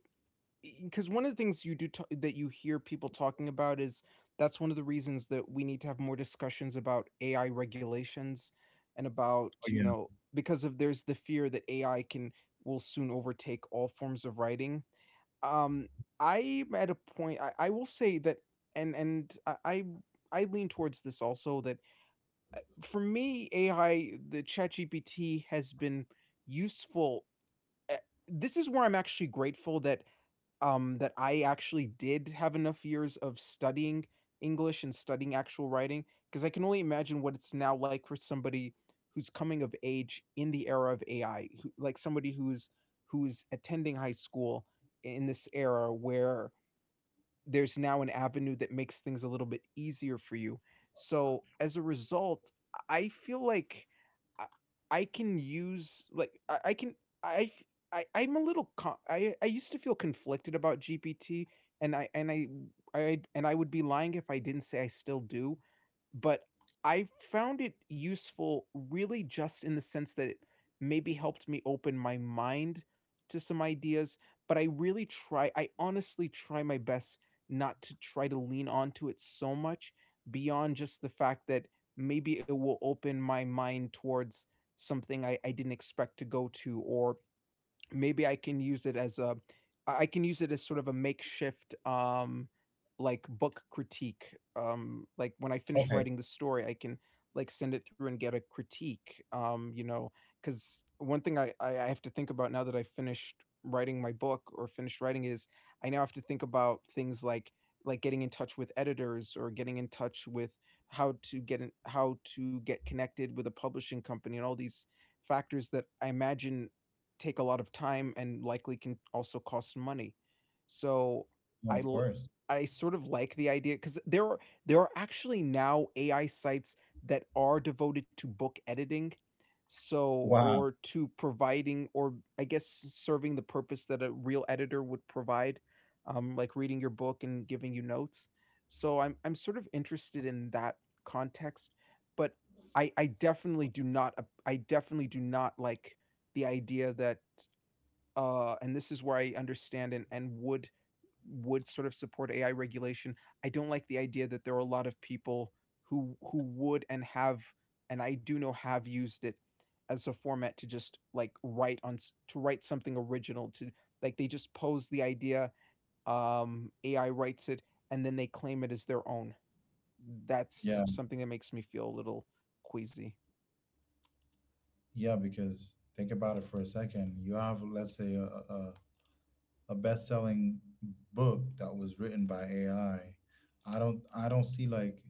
[SPEAKER 2] because one of the things that you hear people talking about is that's one of the reasons that we need to have more discussions about AI regulations and about
[SPEAKER 1] Oh
[SPEAKER 2] you
[SPEAKER 1] yeah.
[SPEAKER 2] know because of there's the fear that AI can will soon overtake all forms of writing. Um, I'm at a point I will say that and I lean towards this also that for me, AI, the ChatGPT has been useful. Eh, This is where I'm actually grateful that that I actually did have enough years of studying English and studying actual writing, because I can only imagine what it's now like for somebody who's coming of age in the era of AI, who, like somebody who's attending high school in this era where there's now an avenue that makes things a little bit easier for you. So as a result, I feel like I, I can use like I can I I I'm a I used to feel conflicted about GPT and I and I and I would be lying if I didn't say I still do, but I found it useful really just in the sense that it maybe helped me open my mind to some ideas, but I honestly try my best not to try to lean onto it so much beyond just the fact that maybe it will open my mind towards something I didn't expect to go to, or maybe I can use it as sort of a makeshift like book critique. Um, like when I finish
[SPEAKER 1] Okay.
[SPEAKER 2] writing the story, I can like send it through and get a critique. You know, because one thing I have to think about now that I finished writing my book or finished writing is I now have to think about things like getting in touch with editors or getting in touch with how to get connected with a publishing company, and all these factors that I imagine take a lot of time and likely can also cost money. So
[SPEAKER 1] No,
[SPEAKER 2] I
[SPEAKER 1] of
[SPEAKER 2] l-
[SPEAKER 1] course.
[SPEAKER 2] I sort of like the idea, because there are actually now AI sites that are devoted to book editing, so,
[SPEAKER 1] Wow.
[SPEAKER 2] or to providing, or I guess serving the purpose that a real editor would provide, like reading your book and giving you notes. So I'm sort of interested in that context, but I definitely do not like the idea that and this is where I understand and, would sort of support AI regulation. I don't like the idea that there are a lot of people who would and have, and I do know have used it as a format to just like write on, to write something original, to like they just pose the idea, AI writes it, and then they claim it as their own. That's
[SPEAKER 1] Yeah.
[SPEAKER 2] something that makes me feel a little queasy.
[SPEAKER 1] Yeah, because think about it for a second. You have, let's say, a best-selling book that was written by AI. I don't see like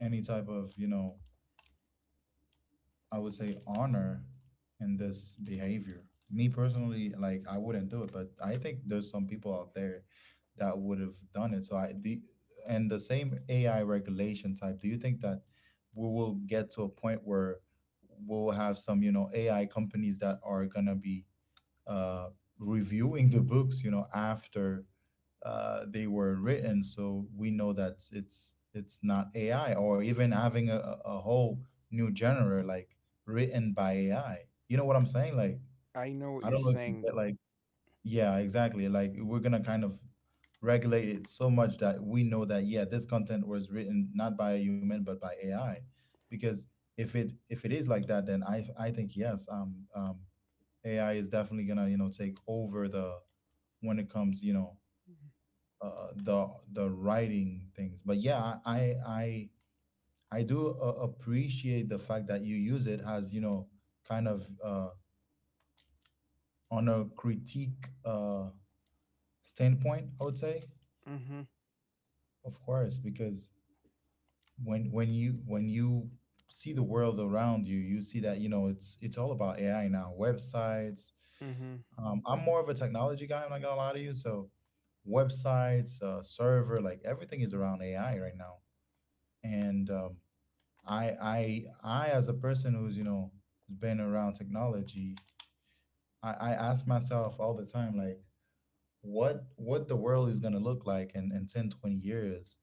[SPEAKER 1] any type of, you know, I would say honor in this behavior. Me personally, like I wouldn't do it, but I think there's some people out there that would have done it. So I the and the same AI regulation type. Do you think that we will get to a point where we'll have some, you know, AI companies that are gonna be uh, reviewing the books, you know, after they were written, so we know that it's not AI? Or even having a whole new genre like written by AI? You know what I'm saying? Like,
[SPEAKER 2] I know what
[SPEAKER 1] I
[SPEAKER 2] you're
[SPEAKER 1] don't know if you
[SPEAKER 2] saying.
[SPEAKER 1] get like— yeah, exactly. Like, we're gonna kind of regulate it so much that we know that, yeah, this content was written not by a human but by AI. Because if it is like that, then I think yes, AI is definitely gonna, you know, take over the— when it comes, you know, the writing things. But yeah, I do appreciate the fact that you use it as, you know, kind of on a critique standpoint, I would say.
[SPEAKER 2] Mhm.
[SPEAKER 1] Of course, because when you see the world around you, you see that, you know, it's all about ai now. Websites,
[SPEAKER 2] Mhm.
[SPEAKER 1] I'm more of a technology guy, I'm not gonna lie to you. So websites, server, like, everything is around ai right now. And I, as a person who's, you know, been around technology, I ask myself all the time, like, what the world is gonna look like in 10, 20 years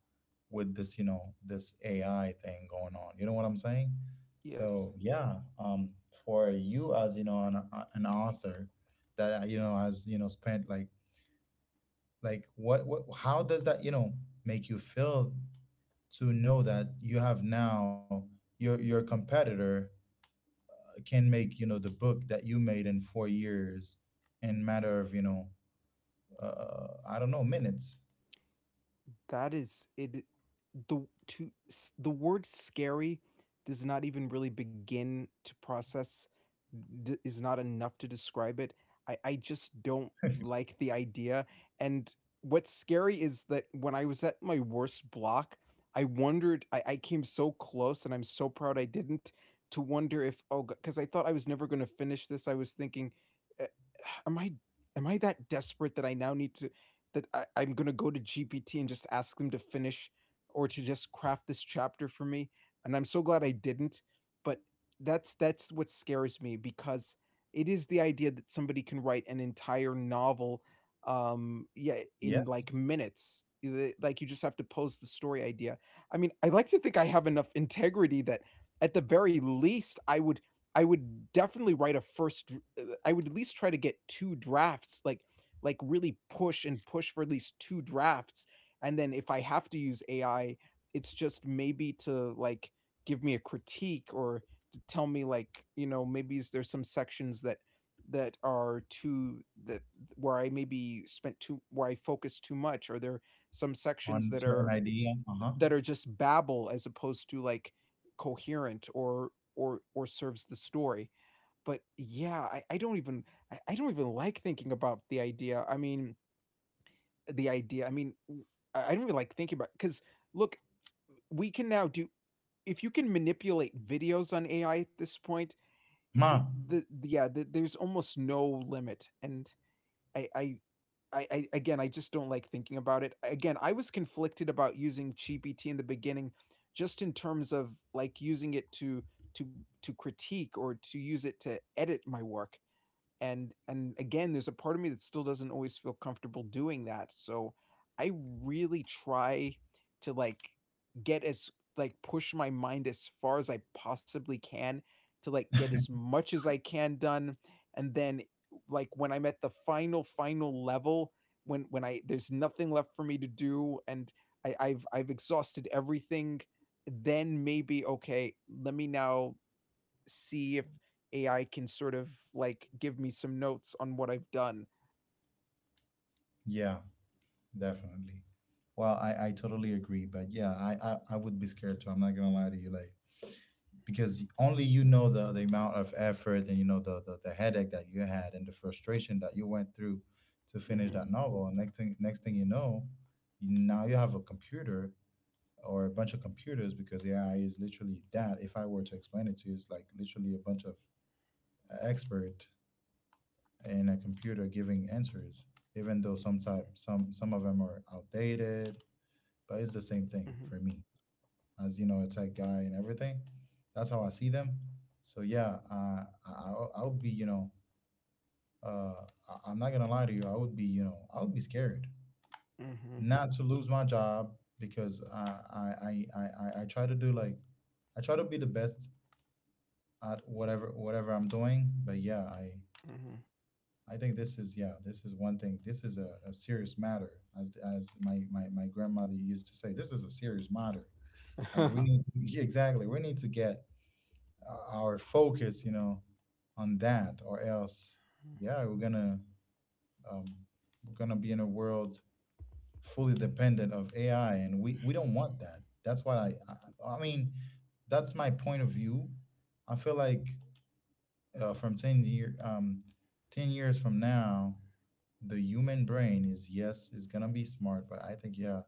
[SPEAKER 1] with this, you know, this AI thing going on. You know what I'm saying?
[SPEAKER 2] Yes.
[SPEAKER 1] So yeah, for you, as, you know, an author that you know, has, you know, spent like— like what, how does that, you know, make you feel to know that you have now your competitor can make, you know, the book that you made in 4 years in matter of, you know, I don't know, minutes.
[SPEAKER 2] that is it the to the word scary does not even really begin to is not enough to describe it. I just don't like the idea. And what's scary is that when I was at my worst block, I wondered — I came so close, and I'm so proud I didn't — to wonder if, oh, because I thought I was never going to finish this, I was thinking, "Uh, am I, am I that desperate that I now need to I'm going to go to GPT and just ask them to finish, or to just craft this chapter for me." And I'm so glad I didn't. But that's what scares me, because it is the idea that somebody can write an entire novel, um, yeah, in like
[SPEAKER 1] Yes,
[SPEAKER 2] minutes. Like you just have to pose the story idea. I mean, I like to think I have enough integrity that, at the very least, I would definitely write a first I would at least try to get two drafts, like really push and push for at least two drafts, and then if I have to use AI, it's just maybe to like give me a critique, or to tell me, like, you know, maybe, is there some sections that that are too that where I maybe spent too where I focus too much, or there are some sections
[SPEAKER 1] on certain idea. Uh huh.
[SPEAKER 2] that are just babble as opposed to like coherent, or or serves the story. But yeah, I don't even I don't even like thinking about the idea. I mean, the idea. I don't really like thinking about, because look, we can now do — if you can manipulate videos on AI at this point.
[SPEAKER 1] Ma.
[SPEAKER 2] It, the yeah, the, there's almost no limit, and I I. I, again, I just don't like thinking about it. Again, I was conflicted about using GPT in the beginning, just in terms of like using it to to to critique, or to use it to edit my work, and again there's a part of me that still doesn't always feel comfortable doing that. So I really try to like get as push my mind as far as I possibly can, to like get as much as I can done, and then like when I'm at the final final level, when I there's nothing left for me to do, and I've I've exhausted everything, then maybe, okay, let me now see if AI can sort of like give me some notes on what I've done.
[SPEAKER 1] Yeah, definitely. Well, I totally agree, but yeah, I would be scared too, I'm not gonna lie to you, like. Because only you know the amount of effort and, you know, the headache that you had and the frustration that you went through to finish
[SPEAKER 2] Mhm,
[SPEAKER 1] that novel. And next thing you know, you now you have a computer or a bunch of computers. Because AI is literally that. If I were to explain it to you, it's like literally a bunch of expert in a computer giving answers, even though some type some of them are outdated. But it's the same thing
[SPEAKER 2] mhm,
[SPEAKER 1] for me, as, you know, a tech guy and everything. That's how I see them. So yeah, I would be, you know, I'm not gonna lie to you, I would be, you know, I would be scared.
[SPEAKER 2] mhm,
[SPEAKER 1] Not to lose my job, because I try to do like— I try to be the best at whatever I'm doing. But yeah, I—
[SPEAKER 2] mhm.
[SPEAKER 1] I think this is, yeah, this is one thing. This is a serious matter, as my grandmother used to say. This is a serious matter. Like, we need to— <laughs> exactly, we need to get our focus, you know, on that, or else, yeah, um, we're gonna be in a world fully dependent of AI, and we don't want that. That's what I mean. That's my point of view. I feel like from 10 years from now, the human brain is, yes, is gonna be smart, but I think, yeah,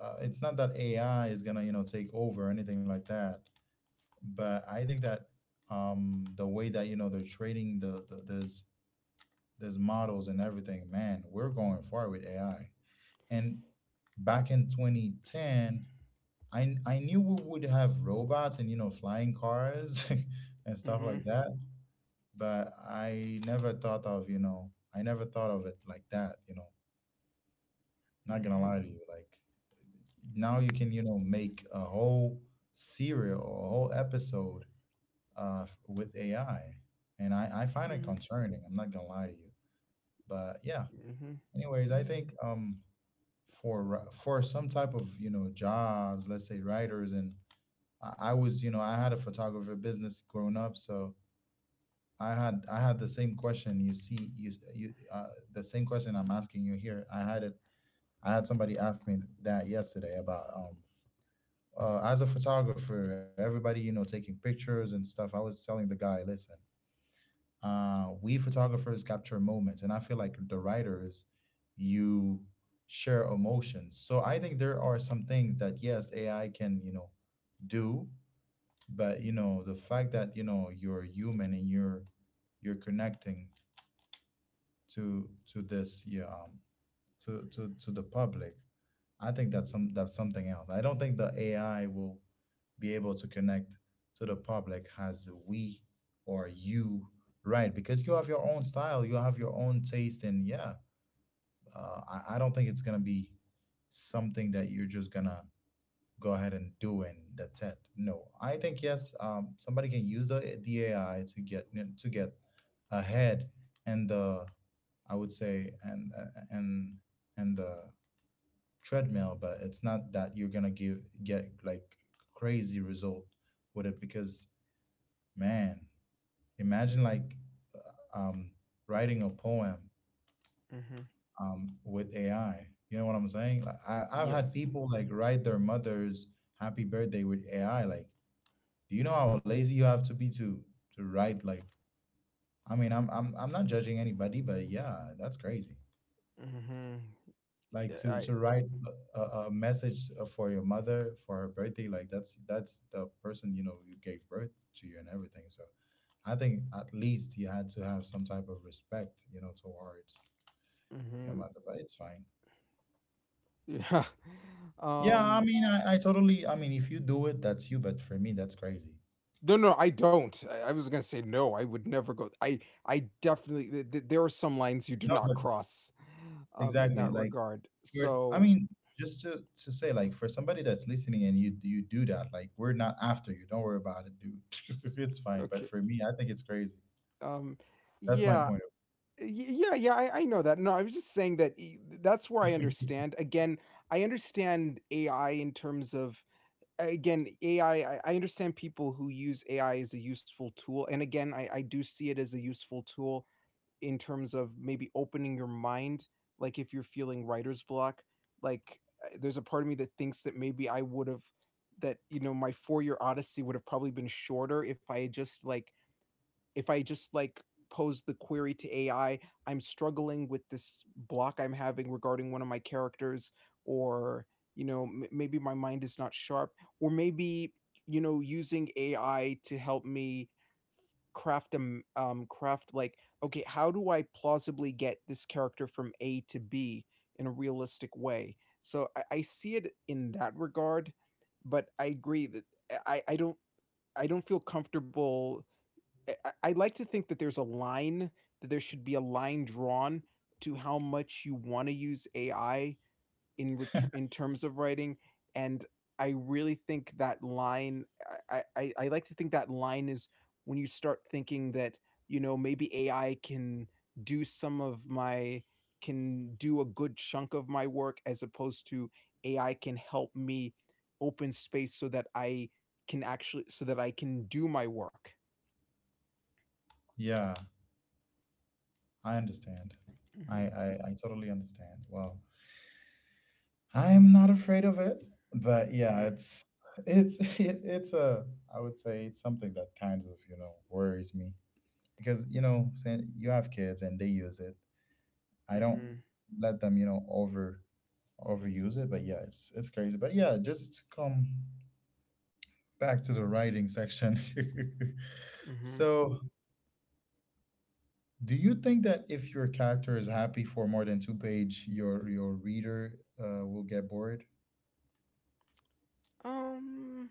[SPEAKER 1] it's not that AI is gonna, you know, take over or anything like that. But I think that the way that, you know, they're trading the there's— there's models and everything, man, we're going far with AI. And back in 2010, I knew we would have robots and, you know, flying cars <laughs> and stuff
[SPEAKER 2] Mhm,
[SPEAKER 1] like that, but I never thought of you know I never thought of it like that. You know, not gonna
[SPEAKER 2] mhm,
[SPEAKER 1] lie to you, like, now you can, you know, make a whole serial, a whole episode uh, with AI, and I find it
[SPEAKER 2] mhm,
[SPEAKER 1] concerning. I'm not gonna lie to you, but yeah.
[SPEAKER 2] mhm. <laughs>
[SPEAKER 1] Anyways, I
[SPEAKER 2] E-
[SPEAKER 1] think for some type of, you know, jobs, let's say writers, and I was, you know, I had a photographer business growing up, so I had the same question. You see, you— you the same question I'm asking you here, I had it. I had somebody ask me that yesterday about as a photographer, everybody, you know, taking pictures and stuff. I was telling the guy, listen, we photographers capture moments, and I feel like the writers, you share emotions. So I think there are some things that, yes, AI can, you know, do, but, you know, the fact that, you know, you're human and you're— you're connecting to this, yeah, to the public, I think that's some— that's something else. I don't think the AI will be able to connect to the public as we— or you, right? Because you have your own style, you have your own taste. And yeah, I don't think it's gonna be something that you're just gonna go ahead and do and that's it. No, I think, yes, somebody can use the ai to get— to get ahead, and the— I would say, and and the treadmill, but it's not that you're gonna give get like crazy result with it. Because, man, imagine like uh, um, writing a poem
[SPEAKER 2] mhm.
[SPEAKER 1] with AI. You know what I'm saying? Like, I've had
[SPEAKER 2] Yes.
[SPEAKER 1] people like write their mother's happy birthday with AI. Like, do you know how lazy you have to be to write? Like, I mean, I'm not judging anybody, but yeah, that's crazy.
[SPEAKER 2] Mhm.
[SPEAKER 1] Like,
[SPEAKER 2] Yeah, I.
[SPEAKER 1] to write a message for your mother for her birthday. Like, that's— that's the person, you know, you gave birth to you and everything. So I think at least you had to have some type of respect, you know, towards your
[SPEAKER 2] Mhm. <laughs>
[SPEAKER 1] mother. But it's fine.
[SPEAKER 2] Yeah.
[SPEAKER 1] Yeah, I
[SPEAKER 2] Um.
[SPEAKER 1] mean, I totally— I mean, if you do it, that's you, but for me, that's crazy.
[SPEAKER 2] No, no, I don't. I was gonna say no. I would never go. I definitely. Th- th- There are some lines you do
[SPEAKER 1] No,
[SPEAKER 2] not
[SPEAKER 1] but
[SPEAKER 2] cross, in
[SPEAKER 1] exactly,
[SPEAKER 2] that
[SPEAKER 1] like,
[SPEAKER 2] regard.
[SPEAKER 1] for— I
[SPEAKER 2] So
[SPEAKER 1] mean, just to say, like, for somebody that's listening and you do that, like, we're not after you, don't worry about it, dude. <laughs> It's fine, but
[SPEAKER 2] okay.
[SPEAKER 1] for me, I think it's crazy.
[SPEAKER 2] Um,
[SPEAKER 1] That's my
[SPEAKER 2] yeah.
[SPEAKER 1] point. Of—
[SPEAKER 2] Y- yeah, yeah, I know that. No, I was just saying that that's where I understand again. I understand AI in terms of — again, AI I, I understand people who use AI as a useful tool, and again, I do see it as a useful tool in terms of maybe opening your mind, like if you're feeling writer's block. Like, there's a part of me that thinks that maybe I would have, that you know, my 4 year odyssey would have probably been shorter if I had just like if I just like pose the query to AI, I'm struggling with this block I'm having regarding one of my characters, or you know, maybe my mind is not sharp, or maybe you know, using AI to help me craft a craft like, okay, how do I plausibly get this character from A to B in a realistic way? So I see it in that regard, but I agree that I I don't I don't feel comfortable. I like to think that there's a line, that there should be a line drawn to how much you want to use AI in return in terms of writing, and I really think that line I, I like to think that line is when you start thinking that you know maybe AI can do some of my can do a good chunk of my work, as opposed to AI can help me open space so that I can actually so that I can do my work.
[SPEAKER 1] yeah, I understand. I totally understand. Well, I am not afraid of it, but yeah,
[SPEAKER 2] Hmm
[SPEAKER 1] it's— it's <laughs> it's a I would say it's something that kind of, you know, worries me. Because, you know, saying you have kids and they use it, I don't
[SPEAKER 2] Mhm,
[SPEAKER 1] let them, you know, over— overuse it. But yeah, it's crazy. But yeah, just to come back to the writing section. <laughs>
[SPEAKER 2] mhm.
[SPEAKER 1] So, do you think that if your character is happy for more than two page, your reader will get bored
[SPEAKER 2] Um,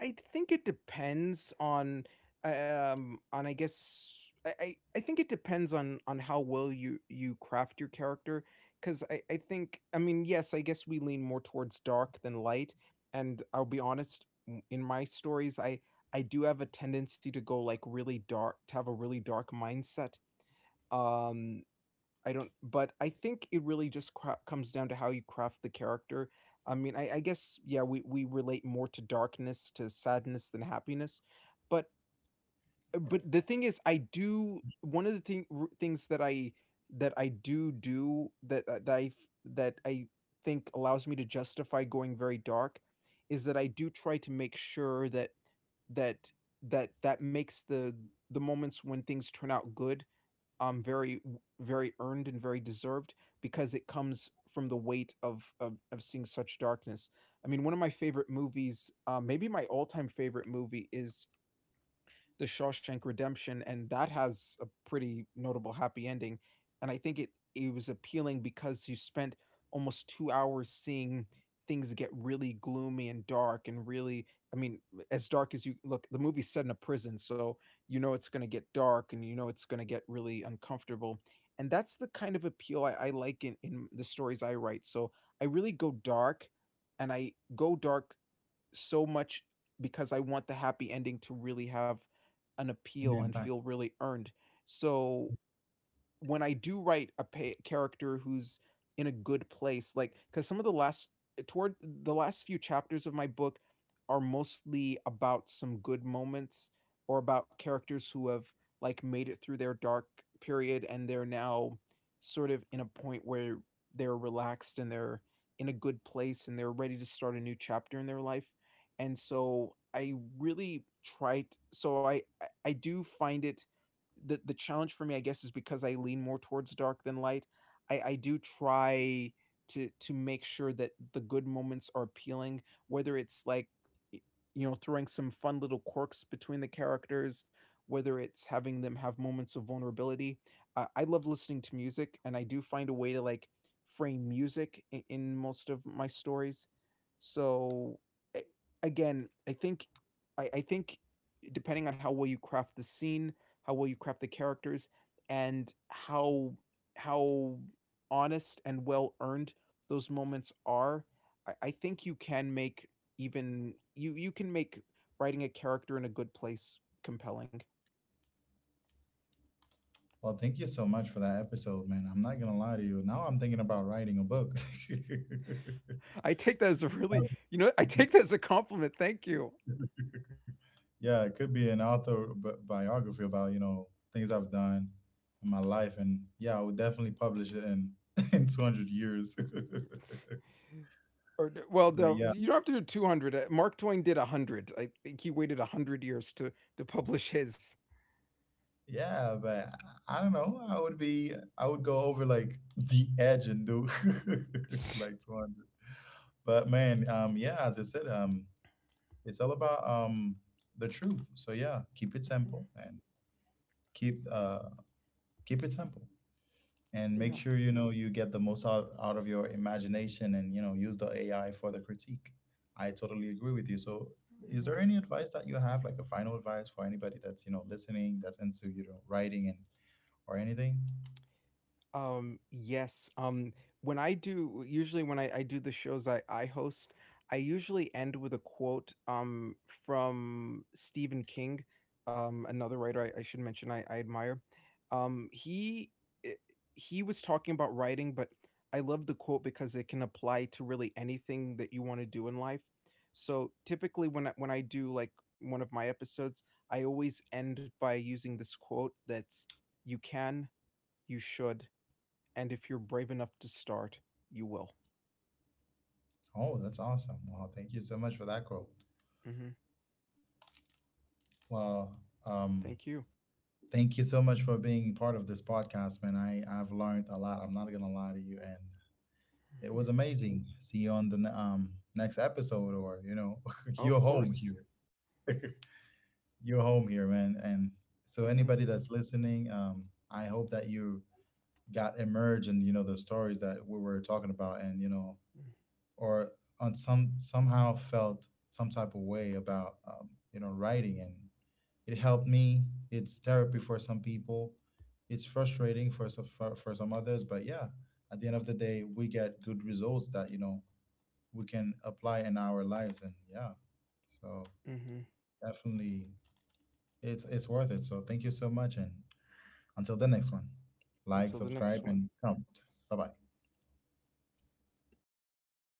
[SPEAKER 2] I think it depends on, on, I guess I think it depends on how well you craft your character, because I think — I mean, yes, I guess we lean more towards dark than light, and I'll be honest, in my stories I do have a tendency to go like really dark, to have a really dark mindset. Um, I don't, but I think it really just cra comes down to how you craft the character. I mean, I guess, yeah, we relate more to darkness, to sadness than happiness, but but the thing is, I do one of the things that I do do that uh, that I f that I think allows me to justify going very dark is that I do try to make sure that that that makes the moments when things turn out good, very, very earned and very deserved because it comes from the weight of seeing such darkness. I mean, one of my favorite movies, maybe my all time favorite movie, is the Shawshank Redemption, and that has a pretty notable happy ending. And I think it was appealing because you spent almost 2 hours seeing things get really gloomy and dark and really, I mean, as dark as you look, the movie's set in a prison, so you know it's gonna get dark and you know it's gonna get really uncomfortable. And that's the kind of appeal I like in the stories I write. So I really go dark and I go dark so much because I want the happy ending to really have an
[SPEAKER 1] and
[SPEAKER 2] appeal and
[SPEAKER 1] impact?
[SPEAKER 2] feel really earned. So when I do write a pa character who's in a good place, like, cause some of the last eh, toward the last few chapters of my book are mostly about some good moments or about characters who have, like, made it through their dark period and they're now sort of in a point where they're relaxed and they're in a good place and they're ready to start a new chapter in their life, and so I do find it, the challenge for me, I guess, is because I lean more towards dark than light. I do try to make sure that the good moments are appealing, whether it's like y- throwing some fun little quirks between the characters, whether it's having them have moments of vulnerability. I love listening to music, and I do find a way to like frame music in most of my stories. So a- again, I think I, I think depending on how well you craft the scene, how well you craft the characters, and how honest and well earned those moments are, I think you can make, even you can make writing a character in a good place compelling.
[SPEAKER 1] Well, thank you so much for that episode, man. I'm not gonna lie to you, now I'm thinking about writing a book. <laughs>
[SPEAKER 2] I take that as a really,
[SPEAKER 1] Um,
[SPEAKER 2] you know, I take that as a compliment. Thank you.
[SPEAKER 1] yeah, it could be an author biography about, you know, things I've done in my life, and yeah, I would definitely publish it in <laughs> in 200 years. <laughs>
[SPEAKER 2] Or well,
[SPEAKER 1] But
[SPEAKER 2] no,
[SPEAKER 1] yeah.
[SPEAKER 2] you don't have to do 200. Mark Twain did 100. I think he waited 100 years to publish his. <laughs>
[SPEAKER 1] Yeah, but I don't know, I would be— I would go over like <laughs> the edge and do <laughs> like 200. But man, yeah, as I said, it's all about the truth. So yeah, keep it
[SPEAKER 2] Mhm.
[SPEAKER 1] simple and keep keep it simple and
[SPEAKER 2] Yeah.
[SPEAKER 1] make sure, you know, you get the most out of your imagination, and, you know, use the AI for the critique. I totally agree with you. So, is
[SPEAKER 2] Mhm.
[SPEAKER 1] there any advice that you have, like a final advice for anybody that's, you know, listening, that's into, you know, writing and or anything?
[SPEAKER 2] Yes, when I do usually when I do the shows I host, I usually end with a quote, from Stephen King, another writer I should mention I admire. Um, he eh, he was talking about writing, but I love the quote because it can apply to really anything that you wanna do in life. So, typically, when I do, like, one of my episodes, I always end by using this quote that's, "You can, you should, and if you're brave enough to start, you will."
[SPEAKER 1] Oh, that's awesome. Wow, thank you so much for that quote.
[SPEAKER 2] Hmm.
[SPEAKER 1] Well, um,
[SPEAKER 2] Thank you.
[SPEAKER 1] thank you so much for being part of this podcast, man. I've learned a lot, I'm not gonna lie to you, and it
[SPEAKER 2] Hmm.
[SPEAKER 1] was amazing. See you on the next episode, or, you know, <laughs>
[SPEAKER 2] Oh, of
[SPEAKER 1] you're home
[SPEAKER 2] course.
[SPEAKER 1] here. <laughs> You're home here, man. And so,
[SPEAKER 2] Hmm.
[SPEAKER 1] anybody that's listening, I hope that you got emerged, and, you know, the stories that we were talking about, and, you know, or on some— somehow felt some type of way about, you know, writing. And it helped me. It's therapy for some people. It's frustrating for for some others, but yeah, at the end of the day, we get good results that, you know, we can apply in our lives. And yeah, so
[SPEAKER 2] Hmm.
[SPEAKER 1] definitely it's worth it. So, thank you so much, and until the next one,
[SPEAKER 2] Until
[SPEAKER 1] like,
[SPEAKER 2] the next
[SPEAKER 1] subscribe,
[SPEAKER 2] one.
[SPEAKER 1] and comment. Bye bye.